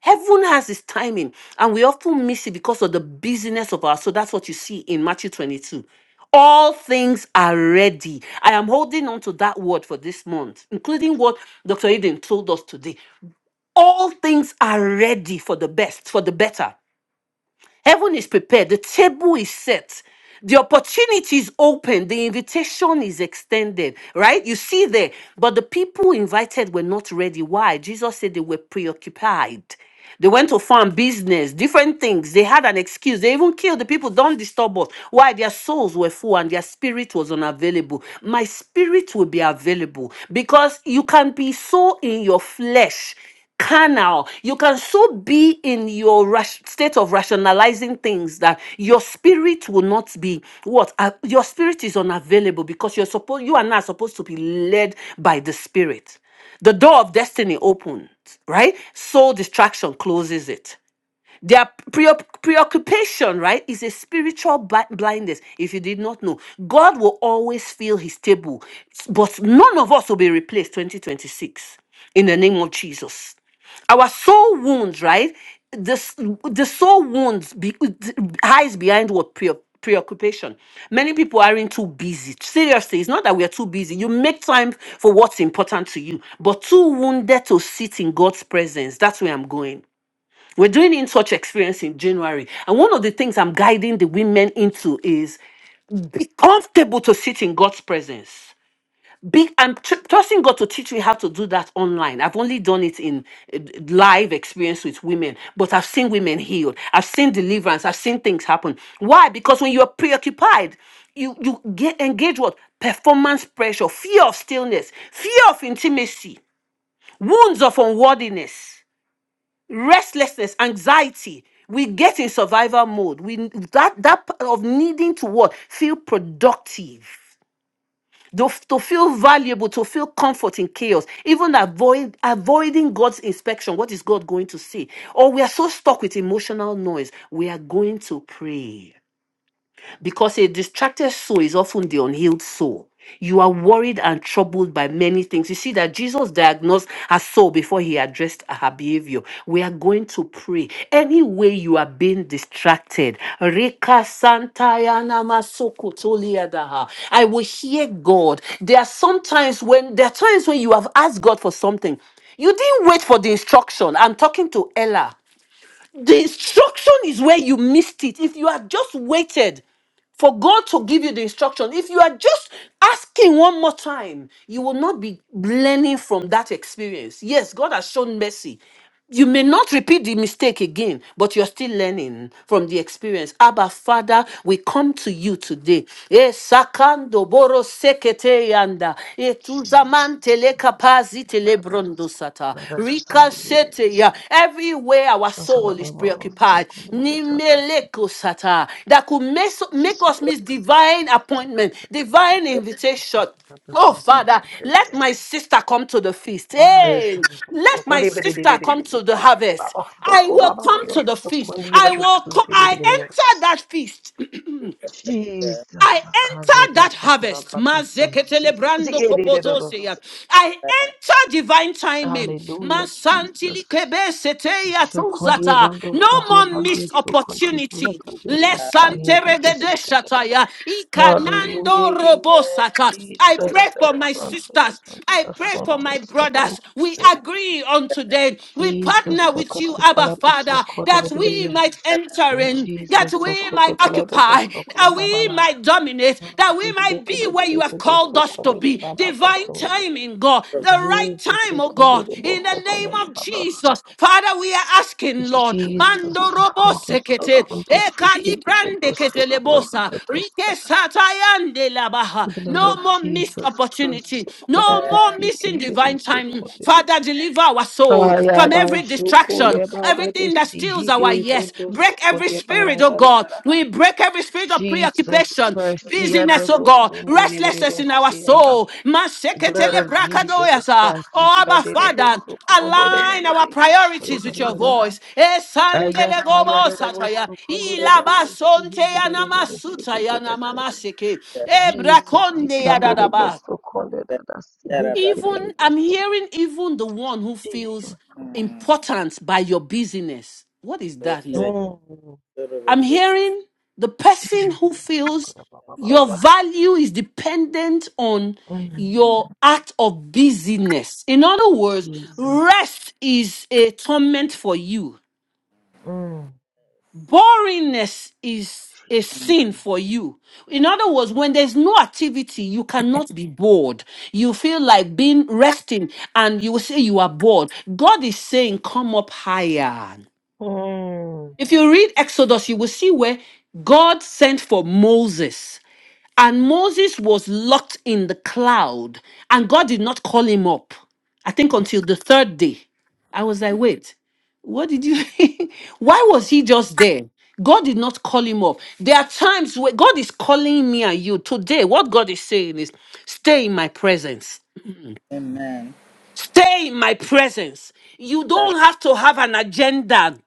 Speaker 1: Heaven has its timing, and we often miss it because of the busyness of our. So that's what you see in Matthew 22. All things are ready. I am holding on to that word for this month, including what Dr. Eden told us today. All things are ready for the best, for the better. Heaven is prepared, the table is set, the opportunity is open, the invitation is extended, right? You see there, but the people invited were not ready. Why? Jesus said they were preoccupied. They went to farm business, different things. They had an excuse. They even killed the people. Don't disturb us. Why? Their souls were full and their spirit was unavailable. My spirit will be available because you can be so in your flesh carnal. You can so be in your rash- state of rationalizing things that your spirit will not be what Uh, your spirit is unavailable because you're supposed you and I are not supposed to be led by the spirit. The door of destiny opens, right? So distraction closes it. Their pre- preoccupation, right, is a spiritual bli- blindness. If you did not know, God will always fill his table, but none of us will be replaced 2026 in the name of Jesus. Our soul wounds, right? The, s- the soul wounds be, hides behind what pre- preoccupation. Many people aren't too busy. Seriously, it's not that we are too busy. You make time for what's important to you, but too wounded to sit in God's presence. That's where I'm going. We're doing in touch experience in January. And one of the things I'm guiding the women into is be comfortable to sit in God's presence. Be, I'm tr- trusting God to teach me how to do that online. I've only done it in uh, live experience with women, but I've seen women healed. I've seen deliverance. I've seen things happen. Why? Because when you're preoccupied, you, you get engage what? Performance pressure, fear of stillness, fear of intimacy, wounds of unworthiness restlessness, anxiety. We get in survival mode. We that that part of needing to what feel productive, to, to feel valuable, to feel comfort in chaos, even avoid avoiding God's inspection. What is God going to say? Or we are so stuck with emotional noise. We are going to pray because a distracted soul is often the unhealed soul. You are worried and troubled by many things. You see that Jesus diagnosed her soul before he addressed her behavior. We are going to pray. Any way you are being distracted, Reka Santaya Namasoko I will hear God. There are sometimes when there are times when you have asked God for something. You didn't wait for the instruction. I'm talking to Ella. The instruction is where you missed it. If you had just waited, for God to give you the instruction. If you are just asking one more time, you will not be learning from that experience. Yes, God has shown mercy. You may not repeat the mistake again, but you're still learning from the experience. Abba, Father, we come to you today. Eh, sakando boro sekete yanda. Eh,
Speaker 2: Jesus.
Speaker 1: tuzamante le kapazi tele brondo sata.
Speaker 2: Let us sound
Speaker 1: Rika
Speaker 2: it in the
Speaker 1: sete
Speaker 2: sea.
Speaker 1: ya. Everywhere our
Speaker 2: Soak it up,
Speaker 1: soul
Speaker 2: my
Speaker 1: is
Speaker 2: mama. Soak
Speaker 1: preoccupied,
Speaker 2: it up, my brother.
Speaker 1: nimeleko sata. that could mess-
Speaker 2: Jesus.
Speaker 1: make us miss divine appointment, divine invitation
Speaker 2: Let us
Speaker 1: Oh,
Speaker 2: soak
Speaker 3: Mm.
Speaker 2: it
Speaker 1: Father,
Speaker 2: up, the
Speaker 1: let
Speaker 2: sea.
Speaker 1: my sister come to the feast.
Speaker 2: Vaya,
Speaker 3: Thank
Speaker 1: Hey,
Speaker 2: carajo,
Speaker 1: let my
Speaker 2: socorro,
Speaker 1: sister come to the harvest.
Speaker 2: baba,
Speaker 1: I
Speaker 2: socorro,
Speaker 3: you,
Speaker 1: will
Speaker 2: baba,
Speaker 1: come
Speaker 2: yo
Speaker 1: to the feast. I will co- I
Speaker 2: socorro,
Speaker 1: enter that feast.
Speaker 3: Jesus.
Speaker 1: I
Speaker 2: Jesus, I can't get
Speaker 1: enter
Speaker 2: that
Speaker 1: that
Speaker 2: for what i
Speaker 1: harvest. Mazeketele
Speaker 2: Jesus. The
Speaker 1: brando
Speaker 2: end of it
Speaker 1: kopotoseya.
Speaker 2: so.
Speaker 1: I
Speaker 3: Thank
Speaker 1: enter divine timing.
Speaker 2: Hallelujah,
Speaker 1: Masantili
Speaker 2: Jesus.
Speaker 1: kebe seteya
Speaker 2: So can't you
Speaker 1: tuzata.
Speaker 2: even do,
Speaker 1: No
Speaker 2: can't you
Speaker 1: more
Speaker 2: even do,
Speaker 1: missed
Speaker 2: so can't you even do,
Speaker 1: opportunity.
Speaker 2: can't you do,
Speaker 3: you,
Speaker 2: so here,
Speaker 1: Lesante
Speaker 2: can't you
Speaker 1: regede
Speaker 2: say, can
Speaker 1: shataya. Ikanando
Speaker 2: Hallelujah, amen,
Speaker 1: robosata. I pray
Speaker 2: Jesus. I
Speaker 1: for my
Speaker 2: can't do,
Speaker 1: sisters.
Speaker 2: so,
Speaker 1: I pray
Speaker 2: so,
Speaker 1: for
Speaker 2: so,
Speaker 1: my
Speaker 2: so,
Speaker 1: brothers. We
Speaker 2: so.
Speaker 1: agree on today. We
Speaker 2: Jesus,
Speaker 1: partner
Speaker 2: I
Speaker 1: with
Speaker 2: can't
Speaker 1: you,
Speaker 2: do, but
Speaker 1: Abba
Speaker 2: I'm so,
Speaker 1: Father,
Speaker 2: can't do,
Speaker 1: that
Speaker 2: but it is.
Speaker 1: we might enter in, that
Speaker 2: Jesus, so
Speaker 1: we
Speaker 2: can't
Speaker 1: might
Speaker 2: do, but I am so jesus so can not do i do not do,
Speaker 1: occupy,
Speaker 2: so, can't do,
Speaker 1: that
Speaker 2: ba,
Speaker 1: we might dominate, that we
Speaker 2: Jesus,
Speaker 1: might
Speaker 2: book call
Speaker 1: be
Speaker 2: the
Speaker 1: where you have
Speaker 2: secret of
Speaker 1: called
Speaker 2: so
Speaker 1: us
Speaker 2: called
Speaker 1: to
Speaker 2: the
Speaker 1: be.
Speaker 2: Baba
Speaker 1: Divine
Speaker 2: Bosso.
Speaker 1: timing, God,
Speaker 3: Jesus.
Speaker 1: the right
Speaker 2: Jesus,
Speaker 1: time,
Speaker 2: he
Speaker 1: oh
Speaker 2: called
Speaker 1: God,
Speaker 2: the
Speaker 1: in the
Speaker 2: Bosso, called
Speaker 1: name
Speaker 2: it the
Speaker 1: of
Speaker 2: Baba So.
Speaker 1: Jesus. Father, we are asking, Lord,
Speaker 2: Jesus,
Speaker 1: Mando
Speaker 2: so
Speaker 1: robo
Speaker 2: called the so
Speaker 1: sekete,
Speaker 2: called the
Speaker 1: ekani
Speaker 2: secret is the
Speaker 1: brande
Speaker 2: Bosso, called
Speaker 1: ketelebosa,
Speaker 2: the
Speaker 1: rike
Speaker 2: Bosso.
Speaker 1: satayande labaha.
Speaker 2: Blood
Speaker 1: no
Speaker 2: of
Speaker 1: more missed
Speaker 2: Jesus Christ,
Speaker 1: opportunity,
Speaker 2: so called
Speaker 1: no
Speaker 2: the
Speaker 1: more missing
Speaker 2: secret is
Speaker 1: divine
Speaker 2: also
Speaker 1: timing.
Speaker 2: called it.
Speaker 1: Father, deliver our soul
Speaker 2: Ah, yeah,
Speaker 1: from
Speaker 2: by
Speaker 1: every
Speaker 2: so called
Speaker 1: distraction,
Speaker 2: it by the secret of the
Speaker 1: everything that
Speaker 2: sea,
Speaker 1: steals
Speaker 2: he
Speaker 1: our
Speaker 2: did
Speaker 1: yes.
Speaker 2: also so
Speaker 1: Break
Speaker 2: called
Speaker 1: every
Speaker 2: it by
Speaker 1: spirit, oh God. We break every spirit of
Speaker 2: Jesus
Speaker 1: preoccupation,
Speaker 2: Christ, yeah, the
Speaker 1: busyness, oh God,
Speaker 2: Bosso, the
Speaker 1: restlessness in our
Speaker 2: Bosso.
Speaker 1: soul.
Speaker 2: Blood
Speaker 1: Maseketele
Speaker 2: of Jesus
Speaker 1: brakadoyasa.
Speaker 2: Christ.
Speaker 1: Oh, Abba Father, align our priorities with your
Speaker 2: Ikadedebosokondedebadedesokodebareda.
Speaker 1: voice. Esandele gobo sataya.
Speaker 3: Thank you,
Speaker 1: Ilaba sonte ya namasutaya
Speaker 2: Ayakayadedebosokondedebededosikidedededesikededese.
Speaker 1: namamaseke.
Speaker 2: Jesus.
Speaker 1: Ebrakonde ya
Speaker 3: Jesus. Yaraba.
Speaker 1: even I'm
Speaker 2: ikadedebosokondededasikidededese.
Speaker 1: hearing even the one who feels
Speaker 2: Jesus.
Speaker 3: Mm.
Speaker 1: important by your busyness. What is that,
Speaker 3: Ore-
Speaker 1: Lord?
Speaker 2: Mm,
Speaker 3: Yorobo
Speaker 1: I'm hearing the person who
Speaker 2: Jesus.
Speaker 1: feels your
Speaker 3: Kusasaba.
Speaker 2: Sokodababababa.
Speaker 1: value is dependent on
Speaker 2: Mm,
Speaker 1: your
Speaker 3: Mm.
Speaker 1: act of busyness. In other words,
Speaker 2: Jesus.
Speaker 1: rest is a torment for you.
Speaker 2: Mm,
Speaker 1: Boringness is a
Speaker 2: Jesus.
Speaker 3: Mm.
Speaker 1: sin for you. In other words, when there's no activity, you cannot be bored. You feel like being resting and you will say you are bored. God is saying, Come up higher.
Speaker 2: Mm,
Speaker 1: If you read Exodus, you will see where God sent for Moses. And Moses was locked in the cloud, and God did not call him up, I think until the third day. I was like, wait, what did you? [LAUGHS] Why was he just there? God did not call him up. There are times where God is calling me and you. Today, what God is saying is, stay in my presence.
Speaker 3: Amen.
Speaker 1: Stay in my presence. You don't have to have an agenda.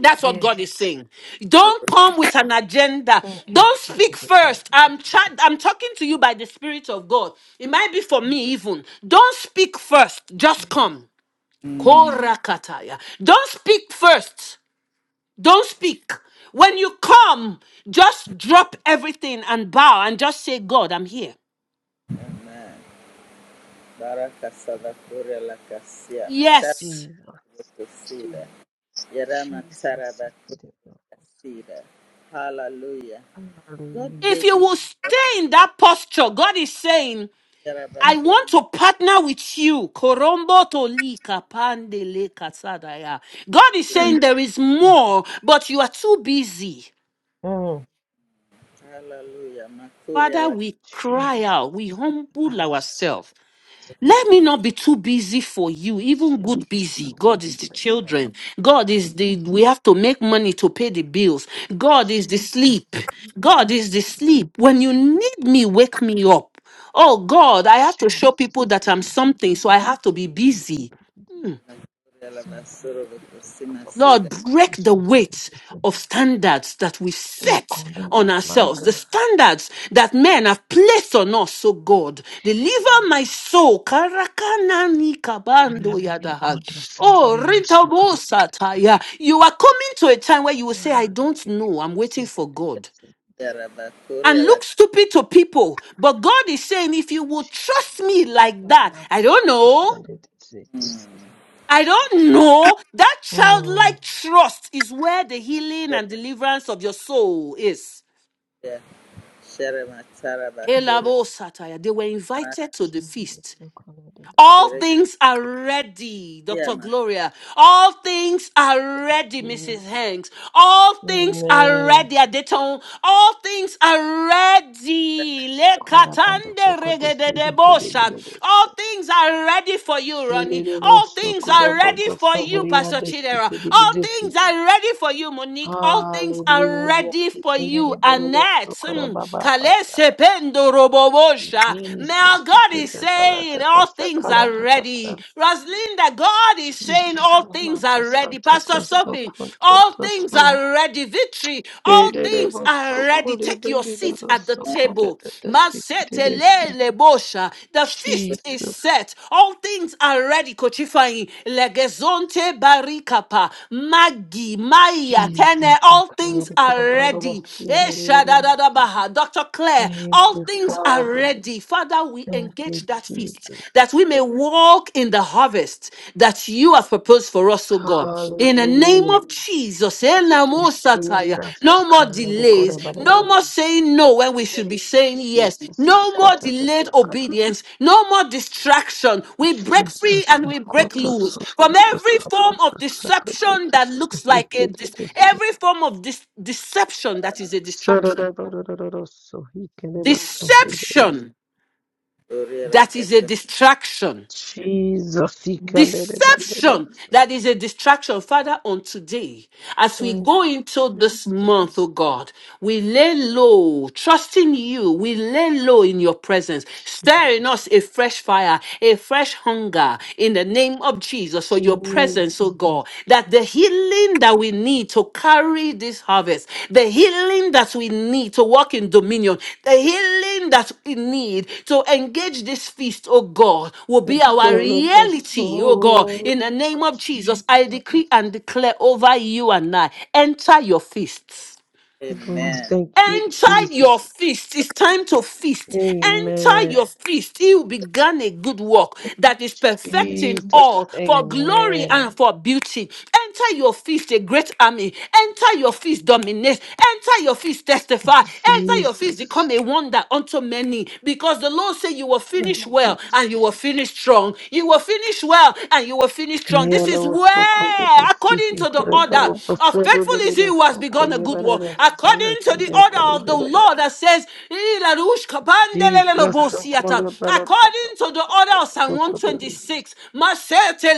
Speaker 1: That's what God is
Speaker 2: yes.
Speaker 1: saying. Don't
Speaker 3: Saraburu.
Speaker 1: come with an agenda.
Speaker 2: Thank you.
Speaker 1: Don't speak first. I'm tra- I'm talking to you by the Spirit of God. It might be for me even. Don't speak first. Just
Speaker 2: Jesus.
Speaker 1: come.
Speaker 3: Mm.
Speaker 1: Korakataya. Don't speak first. Don't speak. When you come, just drop everything and bow and just say, God, I'm here.
Speaker 3: Amen. Baraka Sadakure Lakasia.
Speaker 1: Yes.
Speaker 3: Sharabu
Speaker 2: Jesus,
Speaker 3: Kusida. Yarama
Speaker 2: Jesus,
Speaker 3: Taraba
Speaker 2: he could have loved us.
Speaker 3: Kusida. Hallelujah. God
Speaker 1: If
Speaker 3: gave
Speaker 1: you
Speaker 3: me
Speaker 1: will stay in that posture, God is saying, I
Speaker 2: Hallelujah.
Speaker 3: Yarabakuri,
Speaker 1: want to partner with you. Korombo to li kapande le kasadaya. God is saying
Speaker 2: [CLEARS THROAT]
Speaker 1: there is more, but you are too busy.
Speaker 2: Mm.
Speaker 3: Hallelujah. Makuri
Speaker 1: Father, we
Speaker 2: Jesus,
Speaker 1: cry out, we
Speaker 2: oh God,
Speaker 1: humble
Speaker 2: about us.
Speaker 1: ourselves. Let me
Speaker 3: alakubukusi,
Speaker 1: not be too busy for you, even
Speaker 2: Jesus,
Speaker 1: good
Speaker 2: he
Speaker 1: busy.
Speaker 2: God,
Speaker 1: God is the
Speaker 2: about us, about
Speaker 1: children. God is
Speaker 2: us,
Speaker 1: the,
Speaker 2: about
Speaker 1: we
Speaker 2: us,
Speaker 1: have to make money to pay the bills. God is the
Speaker 2: Jesus,
Speaker 1: sleep.
Speaker 2: oh God,
Speaker 1: God is the
Speaker 2: about us,
Speaker 1: sleep. When
Speaker 2: about
Speaker 1: you
Speaker 2: us,
Speaker 1: need me, wake me up. Oh God, I have to show
Speaker 2: Jesus,
Speaker 1: people that I'm
Speaker 2: Jesus, oh God,
Speaker 1: something, so
Speaker 2: about
Speaker 1: I
Speaker 2: us,
Speaker 1: have to be
Speaker 2: about
Speaker 1: busy.
Speaker 2: us, about us,
Speaker 1: Hmm.
Speaker 3: makuri alabasuru
Speaker 2: so good
Speaker 3: bukusi
Speaker 2: about us,
Speaker 3: masida.
Speaker 1: Lord, break the
Speaker 2: so
Speaker 1: weight
Speaker 2: good
Speaker 1: of standards that we
Speaker 2: so God, so
Speaker 1: set
Speaker 2: so God,
Speaker 1: on
Speaker 2: my
Speaker 1: ourselves, the
Speaker 2: God,
Speaker 1: standards that men have placed on us, oh God. Deliver
Speaker 2: Jesus.
Speaker 1: my soul. Karakanani kabando
Speaker 2: Kanabala
Speaker 1: yadaha.
Speaker 2: konto sovere
Speaker 1: Oh,
Speaker 2: rio
Speaker 1: Rintabo
Speaker 2: sokore berere.
Speaker 1: Sataya. You are coming to a time where you will say,
Speaker 2: Ah,
Speaker 1: I don't
Speaker 2: dekete
Speaker 1: know. I'm waiting for
Speaker 2: sekete
Speaker 1: God
Speaker 2: sekete.
Speaker 3: Yarabakuri
Speaker 1: and look
Speaker 3: alakubukusi,
Speaker 1: stupid to people. But God is saying, if you will trust
Speaker 2: Jesus,
Speaker 1: me like that,
Speaker 2: kanabala
Speaker 1: I don't know.
Speaker 2: pasare sekete sekete.
Speaker 1: I don't know. That
Speaker 2: Mm.
Speaker 1: childlike trust is where the healing and deliverance of your soul is.
Speaker 3: shere matara
Speaker 2: mm,
Speaker 3: bakuri
Speaker 1: Elabo Sataya. They were
Speaker 3: maraka
Speaker 1: invited to the feast
Speaker 2: Jesus, kanabala.
Speaker 1: All
Speaker 3: shere
Speaker 1: things are ready,
Speaker 3: kia
Speaker 1: Dr.
Speaker 3: matara.
Speaker 1: Gloria. All things are ready, Mrs.
Speaker 2: Hallelujah.
Speaker 1: Hanks. All things are
Speaker 2: Amen.
Speaker 1: ready, Adeton. All things are ready.
Speaker 2: Sokola banda
Speaker 1: Lekatande
Speaker 2: sokola sihi kede
Speaker 1: regededeboshan.
Speaker 2: buda
Speaker 1: All
Speaker 2: dasa.
Speaker 1: things are ready for you, Ronnie.
Speaker 2: Selele bo
Speaker 1: All things
Speaker 2: sokola
Speaker 1: are ready
Speaker 2: banda
Speaker 1: for you,
Speaker 2: sobriya
Speaker 1: Pastor Chidera. All
Speaker 2: desi
Speaker 1: things are ready for you, Monique. All things are
Speaker 2: Hallelujah.
Speaker 1: ready for you,
Speaker 2: Sikendere bododo
Speaker 1: Annette.
Speaker 2: sokora
Speaker 1: Mm.
Speaker 2: baba basa.
Speaker 1: Kalesependo robobosha. Now
Speaker 2: Jesus,
Speaker 1: God is
Speaker 2: sikendere
Speaker 1: saying
Speaker 2: baladata
Speaker 1: all things are
Speaker 2: sakaladata sa.
Speaker 1: ready. Roslinda, God is saying
Speaker 2: Jesus,
Speaker 1: all things
Speaker 2: amata
Speaker 1: are ready.
Speaker 2: santo to
Speaker 1: Pastor Sophie,
Speaker 2: sokunto
Speaker 1: all
Speaker 2: to
Speaker 1: things
Speaker 2: so.
Speaker 1: are ready. Victory, all
Speaker 2: Edere
Speaker 1: things are
Speaker 2: boso
Speaker 1: ready.
Speaker 2: kore
Speaker 1: Take your
Speaker 2: bendere
Speaker 1: seat at the
Speaker 2: roso kore
Speaker 1: table.
Speaker 2: dede sikendere si.
Speaker 1: Masetelele The feast is
Speaker 2: Jesus,
Speaker 1: set. All things are ready. Kochifai, legezonte barikapa. Maggie, Maya, Tene,
Speaker 2: Jesus,
Speaker 1: all things
Speaker 2: akayere
Speaker 1: are
Speaker 2: kora bododo
Speaker 1: ready. Eh,
Speaker 2: sikendere si.
Speaker 1: shadadadabaha. Dr. Claire,
Speaker 2: Thank
Speaker 1: all
Speaker 2: you,
Speaker 1: things are
Speaker 2: Father.
Speaker 1: ready. Father, we
Speaker 2: Thank
Speaker 1: engage
Speaker 2: you,
Speaker 1: that feast
Speaker 2: Jesus.
Speaker 1: that we may walk in the harvest that you have proposed for us, O God. In the name
Speaker 2: Hallelujah.
Speaker 1: of Jesus,
Speaker 2: Thank you,
Speaker 1: Elamosataya.
Speaker 2: Jesus.
Speaker 1: no more delays, no
Speaker 2: Akayodekorebarele.
Speaker 1: more saying no when we should be
Speaker 2: Thank you,
Speaker 1: saying yes,
Speaker 2: Jesus.
Speaker 1: no more delayed
Speaker 2: Sokototosakarada.
Speaker 1: obedience, no more distraction. We break free
Speaker 2: Jesus,
Speaker 1: and we break
Speaker 2: Sokoto,
Speaker 1: loose from
Speaker 2: Sokoto,
Speaker 1: every form of
Speaker 2: Sokoto,
Speaker 1: deception
Speaker 2: Sokoto,
Speaker 1: that looks like a
Speaker 2: Sokoto,
Speaker 1: dis- every form of dis- deception that is a distraction.
Speaker 2: Sokoto, Sokoto,
Speaker 1: Deception
Speaker 3: Kuri
Speaker 1: that is a
Speaker 3: rakesa.
Speaker 1: distraction.
Speaker 2: Jesus, he can let him
Speaker 1: Deception that is a distraction, Father, on today. As we go into this month,
Speaker 2: Jesus,
Speaker 1: oh God, we lay low, trusting you, we lay low in your presence,
Speaker 2: Jesus,
Speaker 1: stirring us a fresh fire, a fresh hunger in the name of Jesus for your presence, oh
Speaker 2: Jesus,
Speaker 1: God, that the healing that we need to carry this harvest, the healing that we need to walk in dominion, the healing that we need to engage this feast, oh God, will
Speaker 2: the
Speaker 1: be our
Speaker 2: soul of us,
Speaker 1: reality, oh God.
Speaker 2: oh,
Speaker 1: In the name of Jesus, I
Speaker 2: Jesus.
Speaker 1: decree and declare over you and I enter your feasts
Speaker 2: Oh,
Speaker 3: Amen.
Speaker 2: thank you,
Speaker 1: Enter your
Speaker 2: Jesus.
Speaker 1: feast. It's time to feast. Enter
Speaker 2: Amen.
Speaker 1: your feast. He will began a good work that is perfecting
Speaker 2: Jesus.
Speaker 1: all for glory
Speaker 2: Amen.
Speaker 1: and for beauty. Enter your feast, a great army. Enter your feast, dominate. Enter your feast, testify. Enter your feast,
Speaker 2: Jesus.
Speaker 1: become a wonder unto many. Because the Lord said you will
Speaker 2: Thank
Speaker 1: finish
Speaker 2: you,
Speaker 1: well and
Speaker 2: Jesus.
Speaker 1: you will finish strong. You will finish well and you will finish strong. This
Speaker 2: Kayala
Speaker 1: is
Speaker 2: also called it a
Speaker 1: where,
Speaker 2: sea
Speaker 1: according
Speaker 2: here.
Speaker 1: to the order
Speaker 2: Kuraba
Speaker 1: of
Speaker 2: also
Speaker 1: faithful is
Speaker 2: delivered
Speaker 1: he who has
Speaker 2: also
Speaker 1: begun
Speaker 2: called
Speaker 1: a
Speaker 2: you
Speaker 1: good
Speaker 2: better
Speaker 1: work,
Speaker 2: than Saya
Speaker 1: according to
Speaker 2: and
Speaker 1: the order of the
Speaker 2: Jacob.
Speaker 1: Lord that says, "Irarush
Speaker 2: Jesus.
Speaker 1: kabandelelelebo
Speaker 2: Don't call it a bala- ba-
Speaker 1: according to the
Speaker 2: ba-
Speaker 1: order
Speaker 2: ba-
Speaker 1: of Psalm
Speaker 2: so called it a-
Speaker 1: 126, Masete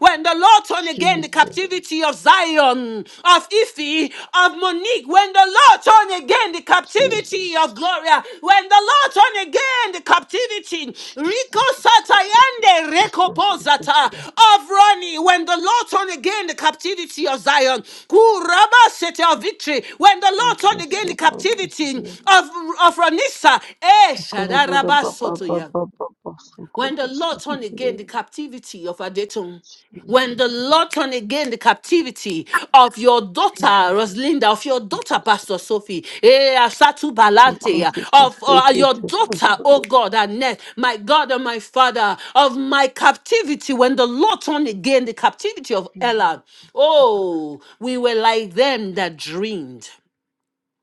Speaker 1: when the Lord turned again the
Speaker 2: Jesus.
Speaker 1: captivity of Zion, of Ife, of Monique, when the Lord turned again the captivity
Speaker 2: Jesus.
Speaker 1: of Gloria, when the Lord turned again the captivity, Rico
Speaker 2: Jesus.
Speaker 1: Satayande
Speaker 2: So good to
Speaker 1: Rekopozata
Speaker 2: see.
Speaker 1: of Ronnie, when the Lord turned again the captivity of Zion, Kuraba Sete of victory, when the Lord turned again the
Speaker 2: So good to
Speaker 1: captivity
Speaker 2: see.
Speaker 1: of, of Ranissa, Eh
Speaker 2: Sukura bada
Speaker 1: Shadaraba
Speaker 2: ba ba ba
Speaker 1: Sotoya.
Speaker 2: ba ba ba
Speaker 1: When
Speaker 2: sukura
Speaker 1: the Lord turned
Speaker 2: sikere
Speaker 1: again the captivity of Adetun, when
Speaker 2: Jesus
Speaker 1: the Lord turned again the captivity of your daughter
Speaker 2: Jesus
Speaker 1: Rosalinda, of your daughter Pastor Sophie, eh, Asatu Balante,
Speaker 2: sukura to
Speaker 1: ah, of uh,
Speaker 2: sikere
Speaker 1: your
Speaker 2: to
Speaker 1: daughter,
Speaker 2: sukura
Speaker 1: oh
Speaker 2: to
Speaker 1: God, Annette, my God and my Father, of my captivity, when the Lord turned again the captivity of
Speaker 2: Jesus
Speaker 1: Ella, oh, we were like them that dreamed.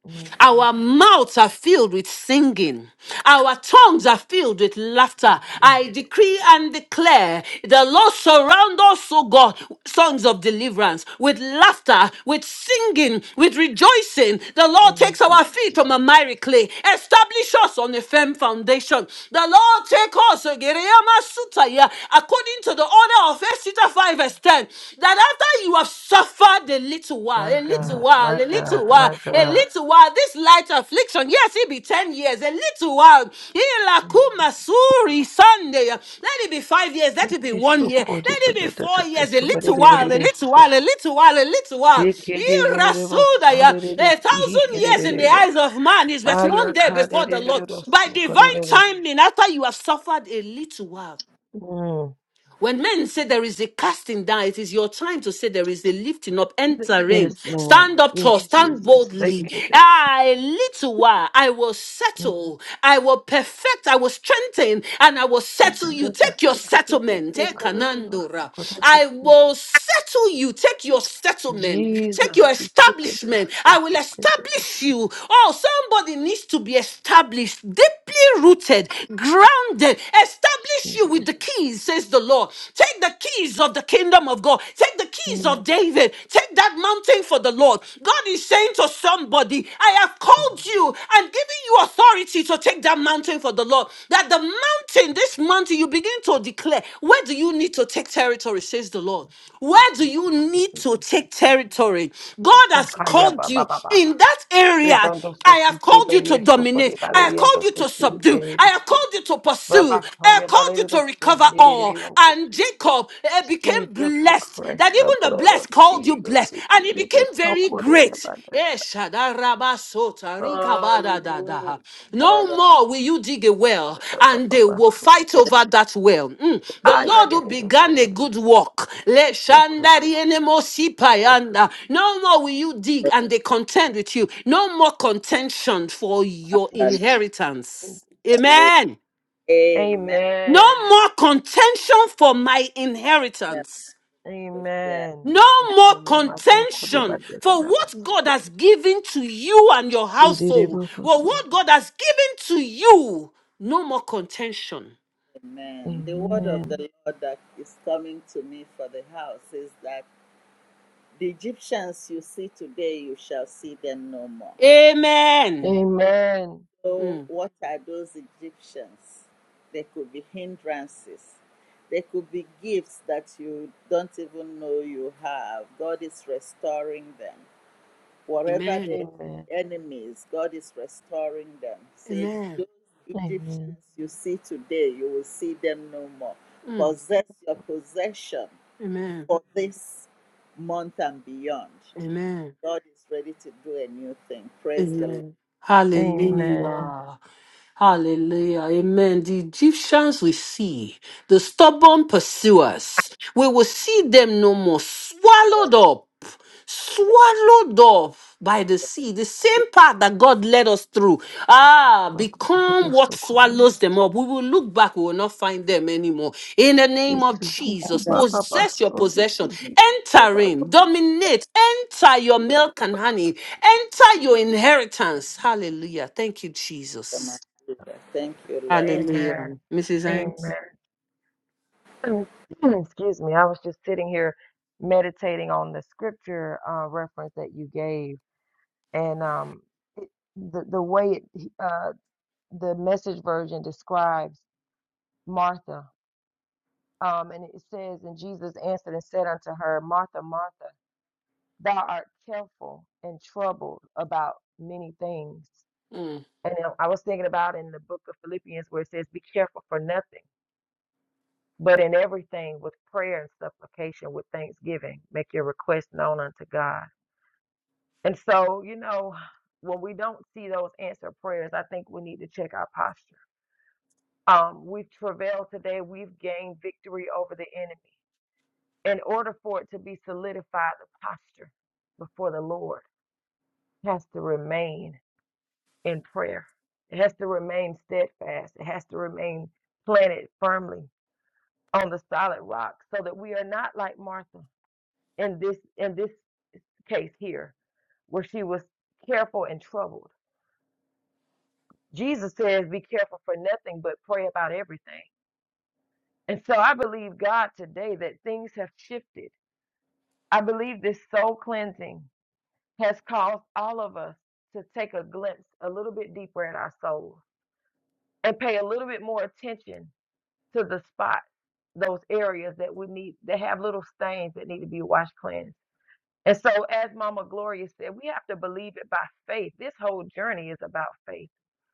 Speaker 2: Mm,
Speaker 1: Our mouths are filled with singing. Our tongues are filled with laughter.
Speaker 2: yeah
Speaker 1: I
Speaker 2: they don't go
Speaker 1: decree
Speaker 2: so
Speaker 1: and declare the Lord surround us, O God, songs of deliverance, with laughter, with singing, with rejoicing. The Lord
Speaker 2: thank
Speaker 1: takes
Speaker 2: you
Speaker 1: our feet from a
Speaker 2: Jesus
Speaker 1: miry clay, establish us on a firm foundation. The Lord take us, O Gereyama Sutaya, according to the order of Esther 5 verse 10, that after you have suffered a little while,
Speaker 2: my
Speaker 1: a little
Speaker 2: God
Speaker 1: while,
Speaker 2: my
Speaker 1: a
Speaker 2: God
Speaker 1: little while,
Speaker 2: my
Speaker 1: a
Speaker 2: God
Speaker 1: little while. This light affliction, yes, it be 10 years, a little while. Ilakuma
Speaker 2: Jesus
Speaker 1: suri Sunday. Let it be five years, let
Speaker 2: thank
Speaker 1: it be
Speaker 2: you
Speaker 1: one year, let
Speaker 2: sukura
Speaker 1: it be
Speaker 2: bada da
Speaker 1: four
Speaker 2: bada
Speaker 1: years, a
Speaker 2: subare
Speaker 1: little
Speaker 2: de
Speaker 1: while,
Speaker 2: bare
Speaker 1: a
Speaker 2: de
Speaker 1: little
Speaker 2: so
Speaker 1: while, a little while, a little while.
Speaker 2: sikere de bare de bo so
Speaker 1: Irasudaya.
Speaker 2: de de de
Speaker 1: A thousand
Speaker 2: sikere
Speaker 1: years
Speaker 2: de
Speaker 1: in
Speaker 2: de
Speaker 1: the
Speaker 2: ba
Speaker 1: eyes of man is but one
Speaker 2: aya
Speaker 1: day
Speaker 2: kade
Speaker 1: before the
Speaker 2: de
Speaker 1: Lord.
Speaker 2: bare de
Speaker 1: By divine
Speaker 2: so
Speaker 1: timing, after you have suffered a little while.
Speaker 2: Mm.
Speaker 1: When men say there is a casting down, it is your time to say there is a lifting up. Enter reign.
Speaker 2: Yes, Lord.
Speaker 1: Stand up tall.
Speaker 2: Yes,
Speaker 1: Stand
Speaker 2: Jesus. Thank
Speaker 1: boldly.
Speaker 2: you.
Speaker 1: Ah, a little while I will
Speaker 2: Mm.
Speaker 1: settle. I will perfect. I will strengthen, and I will
Speaker 2: Thank
Speaker 1: settle you.
Speaker 2: Jesus.
Speaker 1: Take your
Speaker 2: Thank you, Jesus.
Speaker 1: settlement.
Speaker 2: Thank
Speaker 1: Take
Speaker 2: you, Jesus.
Speaker 1: Kanandora.
Speaker 2: Thank
Speaker 1: I will settle you. Take your settlement.
Speaker 2: Jesus.
Speaker 1: Take
Speaker 2: Jesus.
Speaker 1: your establishment. I will establish you. Oh, somebody needs to be established deep deeply rooted, grounded. Establish you with
Speaker 2: Jesus.
Speaker 1: the keys, says the Lord. Take the keys of the kingdom of God. Take the keys
Speaker 2: Mm.
Speaker 1: of David. Take that mountain for the Lord. God is saying to somebody, I have
Speaker 2: God.
Speaker 1: called you and given you authority to take that mountain for the Lord. That the mountain, this mountain, you begin to declare, where do you need to take territory? territory, says the Lord. Where do you need to take territory? God has
Speaker 2: Sakaya
Speaker 1: called
Speaker 2: baba
Speaker 1: you
Speaker 2: baba.
Speaker 1: in that area.
Speaker 2: Rebando
Speaker 1: I
Speaker 2: so
Speaker 1: have
Speaker 2: huke
Speaker 1: called you to
Speaker 2: berio so
Speaker 1: dominate.
Speaker 2: kore
Speaker 1: I have
Speaker 2: balerio
Speaker 1: called
Speaker 2: to
Speaker 1: you to
Speaker 2: tesi
Speaker 1: subdue.
Speaker 2: hike
Speaker 1: I have
Speaker 2: so.
Speaker 1: called you to pursue.
Speaker 2: Baba
Speaker 1: I have
Speaker 2: kondia
Speaker 1: called you to
Speaker 2: balerio
Speaker 1: recover all. And
Speaker 2: so.
Speaker 1: Jacob eh,
Speaker 2: Jesus
Speaker 1: became
Speaker 2: the
Speaker 1: blessed.
Speaker 2: Christ,
Speaker 1: That
Speaker 2: the
Speaker 1: even the
Speaker 2: blood of
Speaker 1: blessed called
Speaker 2: Jesus.
Speaker 1: you blessed.
Speaker 2: thank
Speaker 1: And
Speaker 2: you.
Speaker 1: he
Speaker 2: it
Speaker 1: became
Speaker 2: was so
Speaker 1: very
Speaker 2: good, it
Speaker 1: great.
Speaker 2: about that.
Speaker 1: Eh, Shadarabasota,
Speaker 2: Hallelujah.
Speaker 1: rikabadadadaha.
Speaker 2: Thank
Speaker 1: No more will
Speaker 2: you,
Speaker 1: you dig a
Speaker 2: Jesus.
Speaker 1: well
Speaker 2: Ba, ba,
Speaker 1: and
Speaker 2: ba,
Speaker 1: they will
Speaker 2: so
Speaker 1: fight
Speaker 2: good.
Speaker 1: over that well. Mm. The
Speaker 2: Ah, yeah,
Speaker 1: Lord
Speaker 2: that
Speaker 1: who
Speaker 2: it was so
Speaker 1: began a
Speaker 2: good. It
Speaker 1: good work. le
Speaker 2: was so good.
Speaker 1: shandari enemosi
Speaker 2: That's
Speaker 1: payanda.
Speaker 2: like
Speaker 1: No more will you dig and they contend with you. No more contention for your
Speaker 2: Jesus.
Speaker 3: Yarabakuri,
Speaker 2: Thank
Speaker 1: inheritance.
Speaker 2: you, Jesus.
Speaker 3: Hallelujah.
Speaker 1: Amen.
Speaker 3: Amen.
Speaker 2: Amen.
Speaker 1: No more contention for my inheritance.
Speaker 2: Amen.
Speaker 1: No
Speaker 2: So
Speaker 1: more
Speaker 2: good, yeah, but they're good, yeah,
Speaker 1: contention
Speaker 2: but they're good,
Speaker 1: for what
Speaker 2: so
Speaker 1: God
Speaker 2: good.
Speaker 1: has given to you and your
Speaker 2: See, they did it
Speaker 1: household. For
Speaker 2: also.
Speaker 1: what God has given to you. No more contention.
Speaker 3: Amen. The word of the
Speaker 2: Amen.
Speaker 3: Lord that is coming to me for the house is that the Egyptians you see today, you shall see them no more.
Speaker 1: Amen.
Speaker 2: Amen.
Speaker 3: So,
Speaker 1: Mm.
Speaker 3: what are those Egyptians? They could be hindrances. They could be gifts that you don't even know you have. God is restoring them. Whatever they
Speaker 1: Amen.
Speaker 2: Amen.
Speaker 3: are, enemies, God is restoring them. Say,
Speaker 1: Amen.
Speaker 3: those Egyptians
Speaker 2: Amen.
Speaker 3: you see today, you will see them no more
Speaker 1: Mm.
Speaker 3: possess your possession
Speaker 1: Amen.
Speaker 3: for this month and beyond.
Speaker 1: Amen.
Speaker 3: God is ready to do a new thing. Praise the
Speaker 1: Amen.
Speaker 2: Amen.
Speaker 1: Hallelujah. Hallelujah. Amen. The Egyptians we see, the stubborn pursuers, we will see them no more
Speaker 3: Lord.
Speaker 1: swallowed up swallowed up by the sea, the same path that God led us through. Ah, become
Speaker 2: Asakudedo
Speaker 1: what
Speaker 2: sokodini.
Speaker 1: swallows them up. We will look back, we will not find them anymore. In the name of
Speaker 2: Besubuku
Speaker 1: Jesus,
Speaker 2: baba
Speaker 1: possess your
Speaker 2: baso
Speaker 1: possession,
Speaker 2: desihi.
Speaker 1: enter in, dominate, enter your milk and honey, enter your inheritance. Hallelujah. Thank you, Jesus.
Speaker 3: Thank you, Lord.
Speaker 1: Hallelujah.
Speaker 2: Amen.
Speaker 1: Mrs. Hanks?
Speaker 2: Amen. [CLEARS THROAT] Excuse me. I was just sitting here meditating on the scripture uh, reference that you gave, and um, it, the the way it, uh, the message version describes Martha, um, and it says, "And Jesus answered and said unto her, Martha, Martha." thou art careful and troubled about many things.
Speaker 1: Mm,
Speaker 2: And then I was thinking about in the book of Philippians where it says, Be careful for nothing, but in everything with prayer and supplication with thanksgiving, make your request known unto God. And so, you know, [SIGHS] when we don't see those answered prayers, I think we need to check our posture. Um, we've travailed today, we've gained victory over the enemy. In order for it to be solidified, the posture before the Lord has to remain in prayer. It has to remain steadfast. It has to remain planted firmly on the solid rock so that we are not like Martha in this in this case here where she was careful and troubled. Jesus says be careful for nothing but pray about everything. And so I believe God today that things have shifted. I believe this soul cleansing has caused all of us to take a glimpse a little bit deeper at our souls and pay a little bit more attention to the spots, those areas that we need that have little stains that need to be washed cleansed. And so, as Mama Gloria said, we have to believe it by faith. This whole journey is about faith.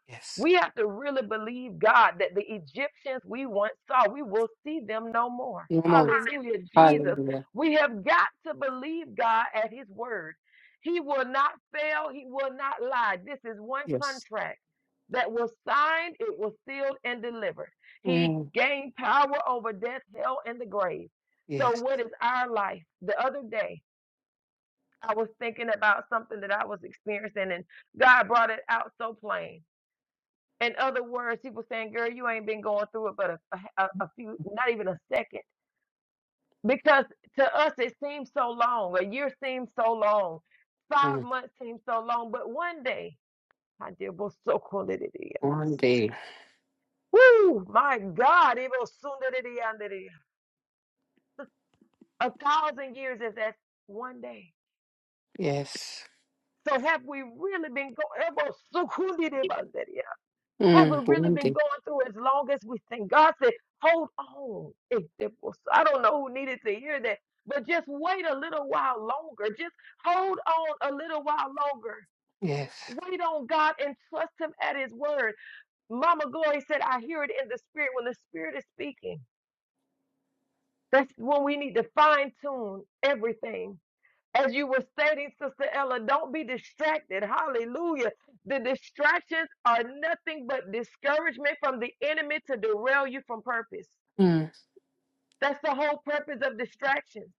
Speaker 1: Yes.
Speaker 2: We have to really believe God that the Egyptians we once saw, we will see them no more.
Speaker 1: Come on.
Speaker 2: Hallelujah, Jesus.
Speaker 1: Hallelujah.
Speaker 2: We have got to believe God at His word. He will not fail, He will not lie. This is one
Speaker 1: Yes.
Speaker 2: contract that was signed, it was sealed, and delivered. He
Speaker 1: Mm,
Speaker 2: gained power over death, hell, and the grave. So,
Speaker 1: Yes.
Speaker 2: what is our life? The other day, I was thinking about something that I was experiencing, and God brought it out so plain. In other words, he was saying, "Girl, you ain't been going through it, but a, a, a few, not even a second, because to us it seems so long. A year seems so long. Five
Speaker 1: Mm,
Speaker 2: months seems so long. But one day, I did was so cool that it is.
Speaker 1: One day.
Speaker 2: Woo, my God, it was soon that it is. A thousand years is that one day.
Speaker 1: Yes.
Speaker 2: So have we really been going?
Speaker 1: Mm.
Speaker 2: haven't really been
Speaker 1: Wounded.
Speaker 2: going through as long as we think. God said, hold on. I don't know who needed to hear that, but just wait a little while longer. Just hold on a little while longer.
Speaker 1: Yes.
Speaker 2: Wait on God and trust Him at His word. Mama Glory said, I hear it in the spirit when the spirit is speaking. That's when we need to fine tune everything as you were stating, Sister Ella, don't be distracted. Hallelujah. The distractions are nothing but discouragement from the enemy to derail you from purpose.
Speaker 1: Mm.
Speaker 2: That's the whole purpose of distractions.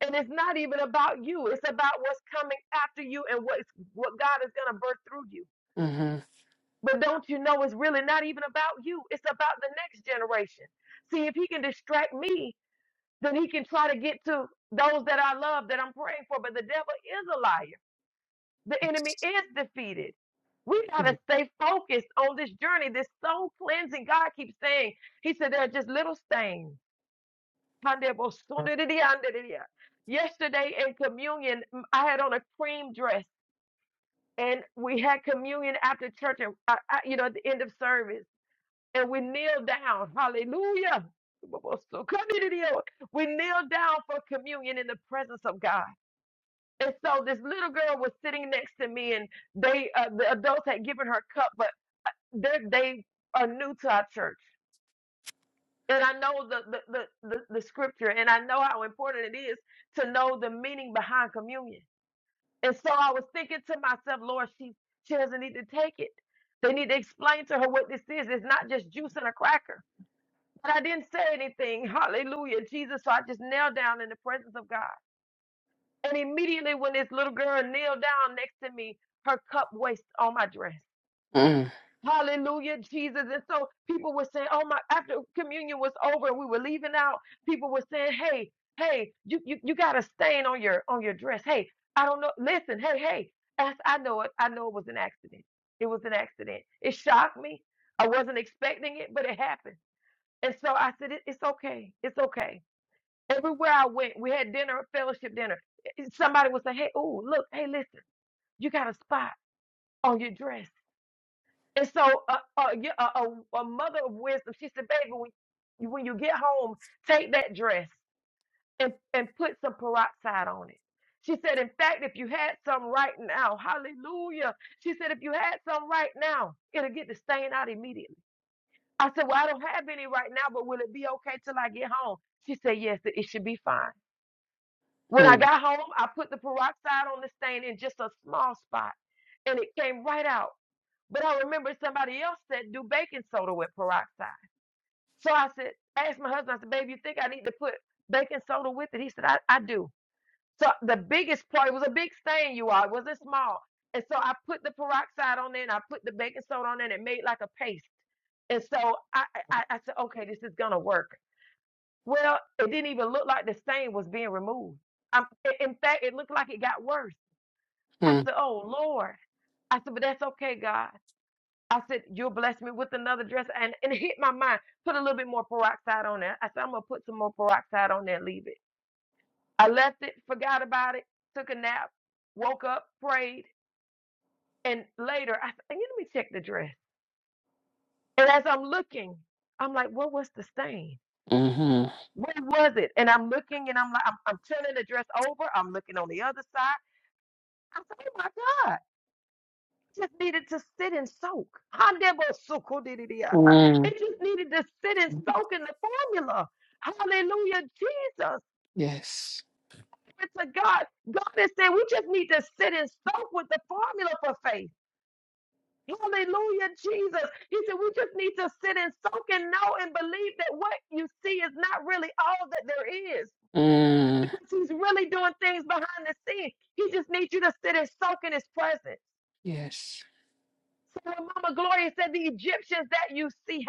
Speaker 2: And it's not even about you. It's about what's coming after you and what's what God is going to birth through you.
Speaker 1: Mm-hmm.
Speaker 2: But don't you know it's really not even about you. It's about the next generation. See, if he can distract me, then he can try to get to those that I love that I'm praying for. But the devil is a liar. The enemy is defeated. We got to stay focused on this journey, this soul cleansing. God keeps saying, He said, there are just little stains. Yesterday in communion, m- I had on a cream dress and we had communion after church, and uh, uh, you know, at the end of service, and we kneeled down. Hallelujah. We kneel down for communion in the presence of God. And so this little girl was sitting next to me, and they uh, the adults had given her cup, but they they are new to our church. And I know the, the the the the scripture, and I know how important it is to know the meaning behind communion. And so I was thinking to myself, Lord, she she doesn't need to take it. They need to explain to her what this is. It's not just juice and a cracker. But I didn't say anything. Hallelujah, Jesus. So I just knelt down in the presence of God. And immediately when this little girl kneeled down next to me, her cup wasted on my dress.
Speaker 1: Mm.
Speaker 2: Hallelujah, Jesus. And so people were saying, oh my, after communion was over and we were leaving out, people were saying, hey, hey, you, you, you got a stain on your, on your dress. Hey, I don't know. Listen, hey, hey, as I know it, I know it was an accident. It was an accident. It shocked me. I wasn't expecting it, but it happened. And so I said, it, it's okay. It's okay. Everywhere I went, we had dinner, a fellowship dinner. eh, Somebody would say, "Hey, oh, look, hey, listen, you got a spot on your dress." And so, uh, uh, yeah, a a, a mother of wisdom, she said, "Baby, when you, when you get home, take that dress and and put some peroxide on it." She said, "In fact, if you had some right now, hallelujah." She said, "If you had some right now, it'll get the stain out immediately." I said, "Well, I don't have any right now, but will it be okay till I get home?" She said, "Yes, it it should be fine." When I
Speaker 1: Mm.
Speaker 2: got home, I put the peroxide on the stain in just a small spot and it came right out. But I remember somebody else said do baking soda with peroxide. So I said, I asked my husband, I said, babe, you think I need to put baking soda with it? He said, I, I do. So the biggest part, it was a big stain, you all, it wasn't small. And so I put the peroxide on there and I put the baking soda on there and it made like a paste. And so I, I, I said, okay, this is gonna work. Well, it didn't even look like the stain was being removed. Um, i- in fact, it looked like it got worse. I
Speaker 1: Mm.
Speaker 2: said, Oh Lord. I said, But that's okay, God. I said, You'll bless me with another dress. And, and it hit my mind. Put a little bit more peroxide on there. I said, I'm going to put some more peroxide on there and leave it. I left it, forgot about it, took a nap, woke up, prayed. And later, I said, Let me check the dress. And as I'm looking, I'm like, What was the stain?
Speaker 1: Mm-hmm.
Speaker 2: Where was it? And I'm looking and I'm like, I'm, I'm turning the dress over. I'm looking on the other side. I said, oh my God. It just needed to sit and soak. Handebosokodidiya.
Speaker 1: Mm.
Speaker 2: It just needed to sit and soak in the formula. Hallelujah, Jesus.
Speaker 1: Yes.
Speaker 2: It's a God. God is saying we just need to sit and soak with the formula for faith. Hallelujah, Jesus. He said we just need to sit and soak and know and believe that what you see is not really all that there is
Speaker 1: Mm.
Speaker 2: because he's really doing things behind the scenes. He just needs you to sit and soak in his presence.
Speaker 1: Yes.
Speaker 2: So Mama Gloria said, The Egyptians that you see,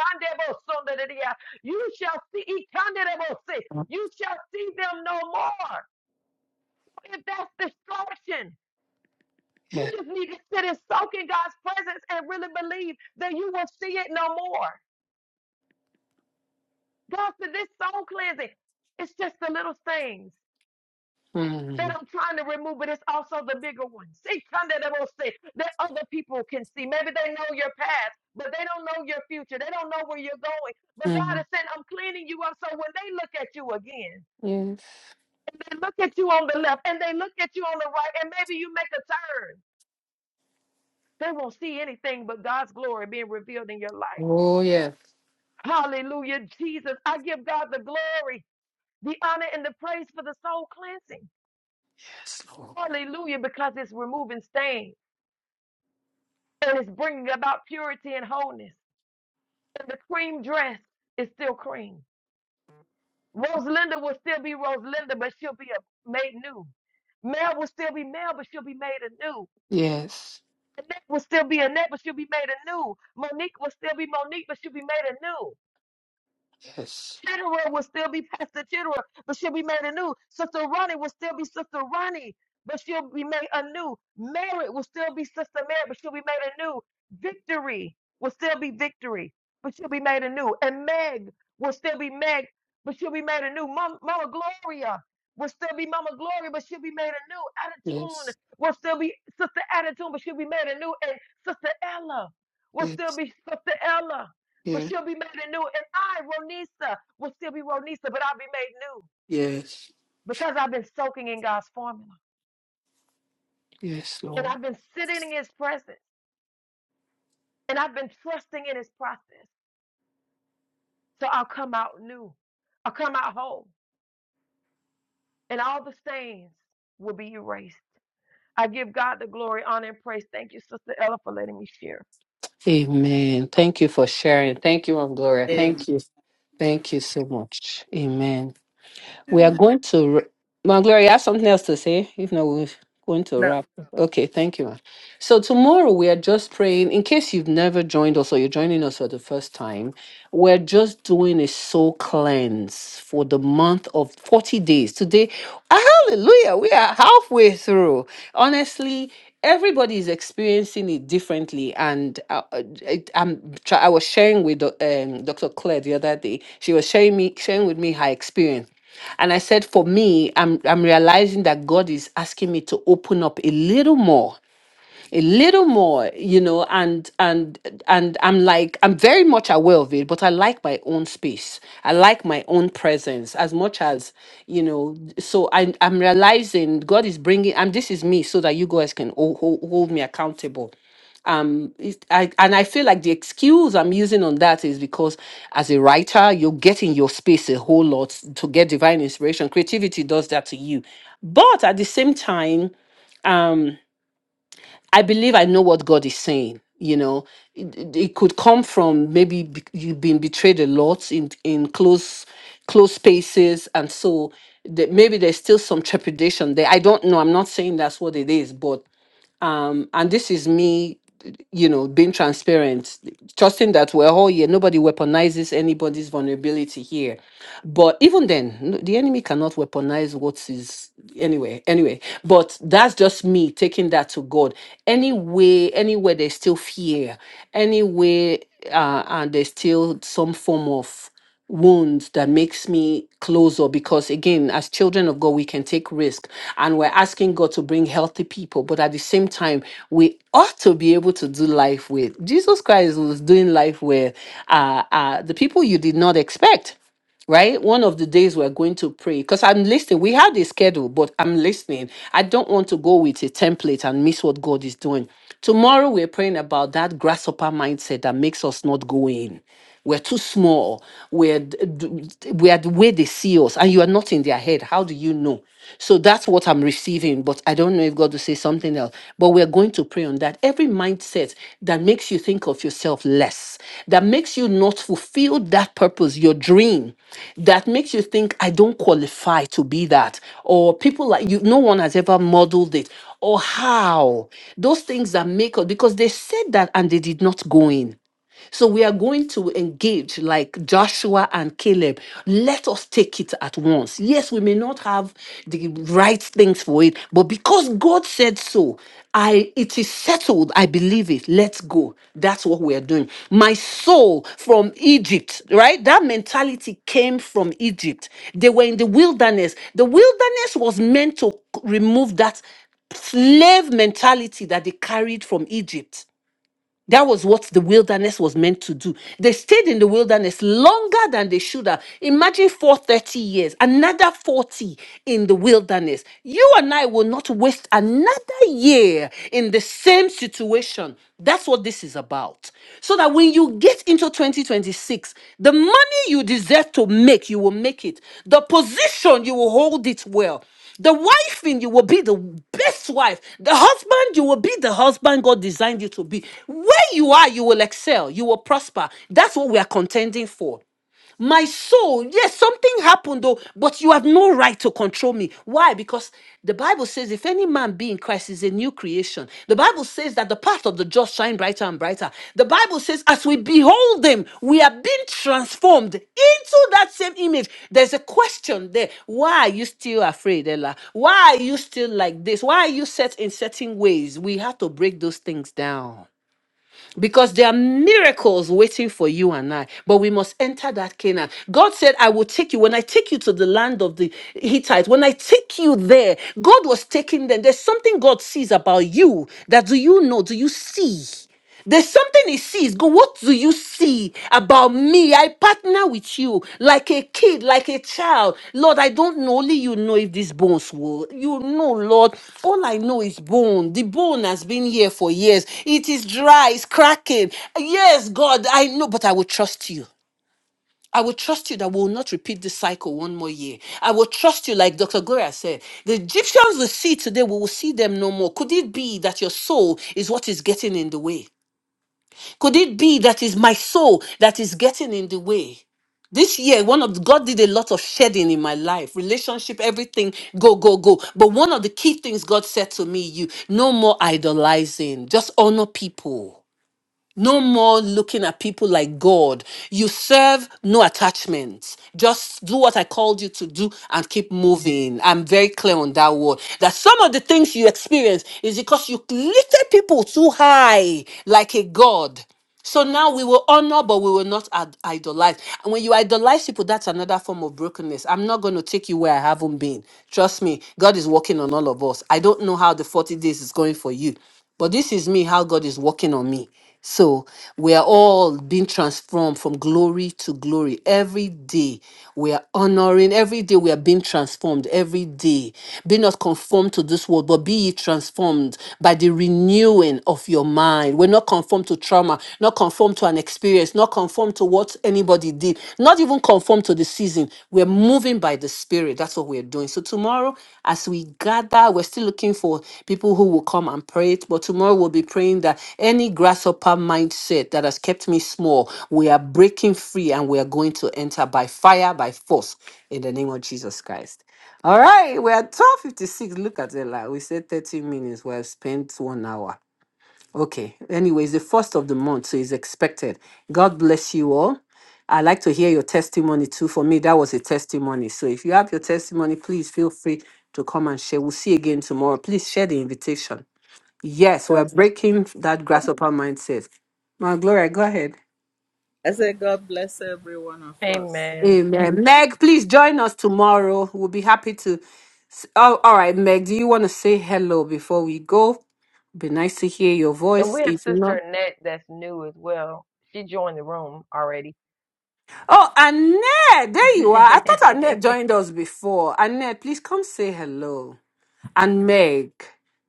Speaker 2: you shall see, Ikandebose, you shall see them no more. If that's destruction, you
Speaker 1: Yes.
Speaker 2: just need to sit and soak in God's presence and really believe that you will see it no more. God said, This soul cleansing, it's just the little things. that
Speaker 1: Mm.
Speaker 2: I'm trying to remove, but it's also the bigger ones. See, kind that will say that other people can see. Maybe they know your past, but they don't know your future. They don't know where you're going. But God is
Speaker 1: Mm.
Speaker 2: saying, I'm cleaning you up. So when they look at you again,
Speaker 1: Yes.
Speaker 2: and they look at you on the left, and they look at you on the right, and maybe you make a turn, they won't see anything but God's glory being revealed in your life.
Speaker 1: Oh, yes.
Speaker 2: Hallelujah, Jesus. I give God the glory, the honor, and the praise for the soul cleansing.
Speaker 1: Yes, Lord.
Speaker 2: Hallelujah, because it's removing stains. and it's bringing about purity and wholeness. And the cream dress is still cream. Rosalinda will still be Rosalinda, but she'll be a, made new. Mel will still be Mel, but she'll be made anew.
Speaker 1: Yes.
Speaker 2: Annette will still be Annette, but she'll be made anew. Monique will still be Monique, but she'll be made anew.
Speaker 1: Yes.
Speaker 2: Chitterer will still be Pastor Chitterer, but she'll be made anew. Sister Ronnie will still be Sister Ronnie, but she'll be made anew. Mary will still be Sister Mary, but she'll be made anew. Victory will still be victory, but she'll be made anew. And Meg will still be Meg, but she'll be made anew. Mama, Mama Gloria will still be Mama Gloria, but she'll be made anew. Attitude
Speaker 1: Yes.
Speaker 2: will still be Sister Attitude, but she'll be made anew. And Sister Ella will still
Speaker 1: Yes.
Speaker 2: be Sister Ella but
Speaker 1: Yes.
Speaker 2: she'll be made anew. And I, Ronisa, will still be Ronisa, but I'll be made new
Speaker 1: Yes.
Speaker 2: because I've been soaking in God's formula
Speaker 1: Yes,
Speaker 2: and
Speaker 1: Lord.
Speaker 2: I've been sitting in His presence and I've been trusting in His process. So I'll come out new, I'll come out whole, and all the stains will be erased. I give God the glory, honor, and praise. Thank you, Sister Ella, for letting me share.
Speaker 1: Amen. Thank you for sharing. Thank you, Aunt Gloria.
Speaker 3: Amen.
Speaker 1: Thank you. Thank you so much. Amen. We are
Speaker 3: Amen.
Speaker 1: going to. r- Ma Gloria, you have something else to say? If not, we're going to
Speaker 3: No,
Speaker 1: wrap. Okay, thank you. ma. So, tomorrow we are just praying. In case you've never joined us or you're joining us for the first time, we're just doing a soul cleanse for the month of 40 days. Today Hallelujah. We are halfway through. Honestly, everybody is experiencing it differently. And uh, uh, it- I'm, try- I was sharing with Doc- um, Dr. Claire the other day. She was sharing, me, sharing with me her experience. And I said, for me, I'm, I'm realizing that God is asking me to open up a little more a little more you know and and and i'm like i'm very much aware of it but i like my own space i like my own presence as much as you know so I, i'm realizing god is bringing and this is me so that you guys can hold, hold, hold me accountable It- I, and i feel like the excuse i'm using on that is because as a writer you're getting your space a whole lot to get divine inspiration creativity does that to you but at the same time I believe I know what God is saying. You know, it, it it could come from maybe be- you've been betrayed a lot in in close close spaces, and so the, maybe there's still some trepidation there. I don't know. I'm not saying that's what it is, but um and this is me you know being transparent trusting that we're all here nobody weaponizes anybody's vulnerability here but even then no- the enemy cannot weaponize what is anyway anyway but that's just me taking that to god anyway anywhere there's still fear anyway uh and there's still some form of wounds that makes me closer because again as children of god we can take risk and we're asking god to bring healthy people but at the same time we ought to be able to do life with jesus christ was doing life with uh, uh, the people you did not expect right? One of the days we're going to pray because I'm listening. We have a schedule, but I'm listening. I don't want to go with a template and miss what God is doing. Tomorrow, we're praying about that grasshopper mindset that makes us not go in. We're too small. We're, d- d- we're the way they see us, and you are not in their head. How do you know? So that's what I'm receiving, but I don't don't know if God will say something else, but we're going to pray on that. Every mindset that makes you think of yourself less, that makes you not fulfill that purpose, your dream, that makes you think, I don't qualify to be that, or people like you, no one has ever modeled it, or how, those things that make us, because they said that and they did not go in. So we are going to engage like Joshua and Caleb. Let us take it at once. Yes, we may not have the right things for it, but because God said so, I it is settled. I believe it. Let's go. That's what we are doing. My soul from Egypt, right? That mentality came from Egypt. They were in the wilderness. The wilderness was meant to remove that slave mentality that they carried from Egypt. That was what the wilderness was meant to do. They stayed in the wilderness longer than they should have. Imagine for thirty years, another 40 in the wilderness. You and I will not waste another year in the same situation. That's what this is about. So that when you get into 2026, the money you deserve to make, you will make it. The position, you will hold it well. The wife in you will be the best wife. The husband, you will be the husband God designed you to be. Where you are, you will excel. You will prosper. That's what we are contending for. My soul, yes, something happened though, but you have no right to control me. Why? Because the Bible says, if any man be in Christ, is a new creation. The Bible says that the path of the just shine brighter and brighter. The Bible says, as we behold them, we are being transformed into that same image. There's a question there. Why are you still afraid, Ella? Why are you still like this? Why are you set in certain ways? We have to break those things down because there are miracles waiting for you and I. But we must enter that Canaan. God said, I will take you. When I take you to the land of the Hittites, when I take you there, God was taking them. There's something God sees about you that do you know? Do you see? There's something he sees. Go, what do you see about me? I partner with you like a kid, like a child. Lord, I don't know. Only you know if these bones will. You know, Lord. All I know is bone. The bone has been here for years. It is dry, it's cracking. Yes, God, I know, but I will trust you. I will trust you that we will not repeat this cycle one more year. I will trust you, like Dr. Gloria said. The Egyptians we see today, we will see them no more. Could it be that your soul is what is getting in the way? Could it be that is my soul that is getting in the way? This year, one of God did a lot of shedding in my life, relationship, everything, go, go, go. But one of the key things God said to me, you no more idolizing, just honor people. No more looking at people like God. You serve no attachments. Just do what I called you to do and keep moving. I'm very clear on that word. That some of the things you experience is because you lifted people too high, like a God. So now we will honor, but we will not ad- idolize. And when you idolize people, that's another form of brokenness. I'm not going to take you where I haven't been. Trust me, God is working on all of us. I don't know how the 40 days is going for you, but this is me, how God is working on me. So we are all being transformed from glory to glory. Every day we are honoring, every day we are being transformed, every day. Be not conformed to this world, but be ye transformed transformed by the renewing of your mind. We're not conformed to trauma, not conformed to an experience, not conformed to what anybody did, not even conformed to the season. We're moving by the Spirit. That's what we're doing. So, tomorrow, as we gather, we're still looking for people who will come and pray it. But tomorrow, we'll be praying that any grasshopper mindset that has kept me small, we are breaking free and we are going to enter by fire, by force, in the name of Jesus Christ. All right, we're at 12.56. Look at it. Like we said 30 minutes. We have spent one hour. Okay. Anyway, it's the first of the month, so it's expected. God bless you all. I like to hear your testimony too. For me, that was a testimony. So if you have your testimony, please feel free to come and share. We'll see you again tomorrow. Please share the invitation. Yes, we're breaking that grasshopper mindset. My Gloria, go ahead.
Speaker 3: I say God bless every one of us.
Speaker 2: Amen.
Speaker 1: Amen. Meg, please join us tomorrow. We'll be happy to Oh, all right, Meg, do you want to say hello before we go? Be nice to hear your
Speaker 2: And
Speaker 1: voice.
Speaker 2: we have
Speaker 1: If
Speaker 2: Sister
Speaker 1: not,
Speaker 2: Annette that's new as well. She joined the room already.
Speaker 1: oh, Annette,
Speaker 2: [LAUGHS]
Speaker 1: there you are. I thought Annette joined us before. Annette, please come say hello. And Meg,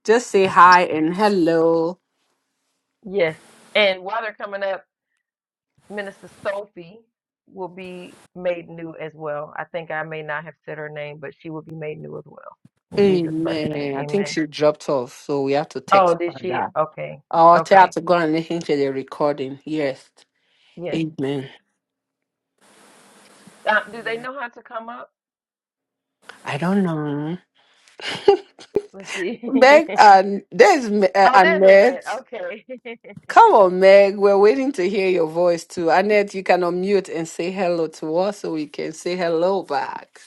Speaker 1: just say hi and hello.
Speaker 2: yes. And while they're coming up, Minister Sophie will be made new as well. I think I may not have said her name, but she will be made new as well. In Jesus Christ's name,
Speaker 1: Amen. I think
Speaker 2: amen.
Speaker 1: she dropped off, so we have to
Speaker 2: Oh,
Speaker 1: text
Speaker 2: did
Speaker 1: her
Speaker 2: she?
Speaker 1: that.
Speaker 2: Okay.
Speaker 1: Oh, she have
Speaker 2: Okay.
Speaker 1: to go and listen to the recording. Yes.
Speaker 2: Yes.
Speaker 1: Amen.
Speaker 2: Uh, do they know how to come up?
Speaker 1: I don't know. [LAUGHS]
Speaker 2: Let's see. [LAUGHS]
Speaker 1: Meg and there's uh,
Speaker 2: oh, there's a net.
Speaker 1: Annette.
Speaker 2: Okay.
Speaker 1: Come on, Meg. We're waiting to hear your voice too. Annette, you can unmute and say hello to us so we can say hello back.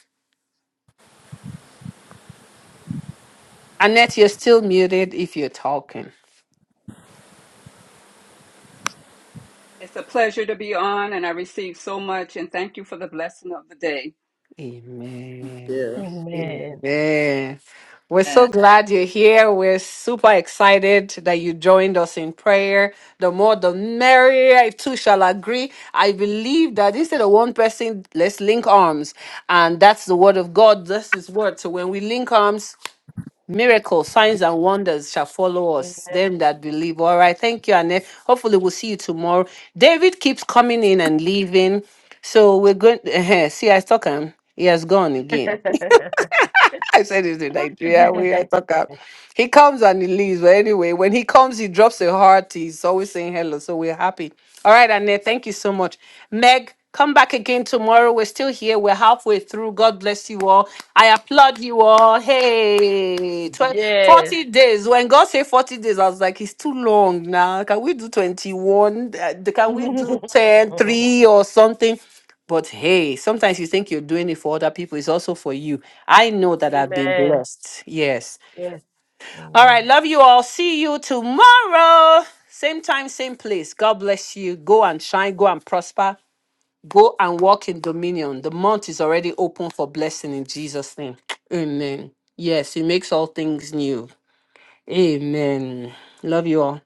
Speaker 1: Annette, you're still muted if you're talking.
Speaker 4: It's a pleasure to be on, and I received so much, and thank you for the blessing of the day.
Speaker 2: [LAUGHS]
Speaker 3: Yeah.
Speaker 1: Amen.
Speaker 2: amen.
Speaker 1: Amen. We're so glad you're here. We're super excited that you joined us in prayer. The more, the merrier. I too shall agree. I believe that instead of one person, let's link arms. And that's the word of God. That's His word. So when we link arms, Miracles, signs, and wonders shall follow us, them that believe. All right. Thank you, Annette. Hopefully, we'll see you tomorrow. David keeps coming in and leaving. So we're going. [LAUGHS] uh See, I stuck him. He has gone again.
Speaker 2: Amen.
Speaker 1: [LAUGHS] I said this in Nigeria. We I
Speaker 2: [LAUGHS]
Speaker 1: talk up. He comes and he leaves. But anyway, when he comes, he drops a heart. He's always saying hello. So we're happy. All right, Annette, thank you so much. Meg, come back again tomorrow. We're still here. We're halfway through. God bless you all. I applaud you all. Hey, 12,
Speaker 2: yes.
Speaker 1: 40 days. When God said 40 days, I was like, it's too long now. Can we do 21? Uh,
Speaker 2: [LAUGHS]
Speaker 1: Can we do 10 3 or something? But hey, sometimes you think you're doing it for other people, it's also for you. I know that I've been
Speaker 2: amen.
Speaker 1: blessed. Yes.
Speaker 2: Yes.
Speaker 1: All
Speaker 2: Amen.
Speaker 1: right. Love you all. See you tomorrow. Same time, same place. God bless you. Go and shine, go and prosper, go and walk in dominion. The month is already open for blessing in Jesus' name. Amen. Yes, He makes all things new. Amen. Love you all.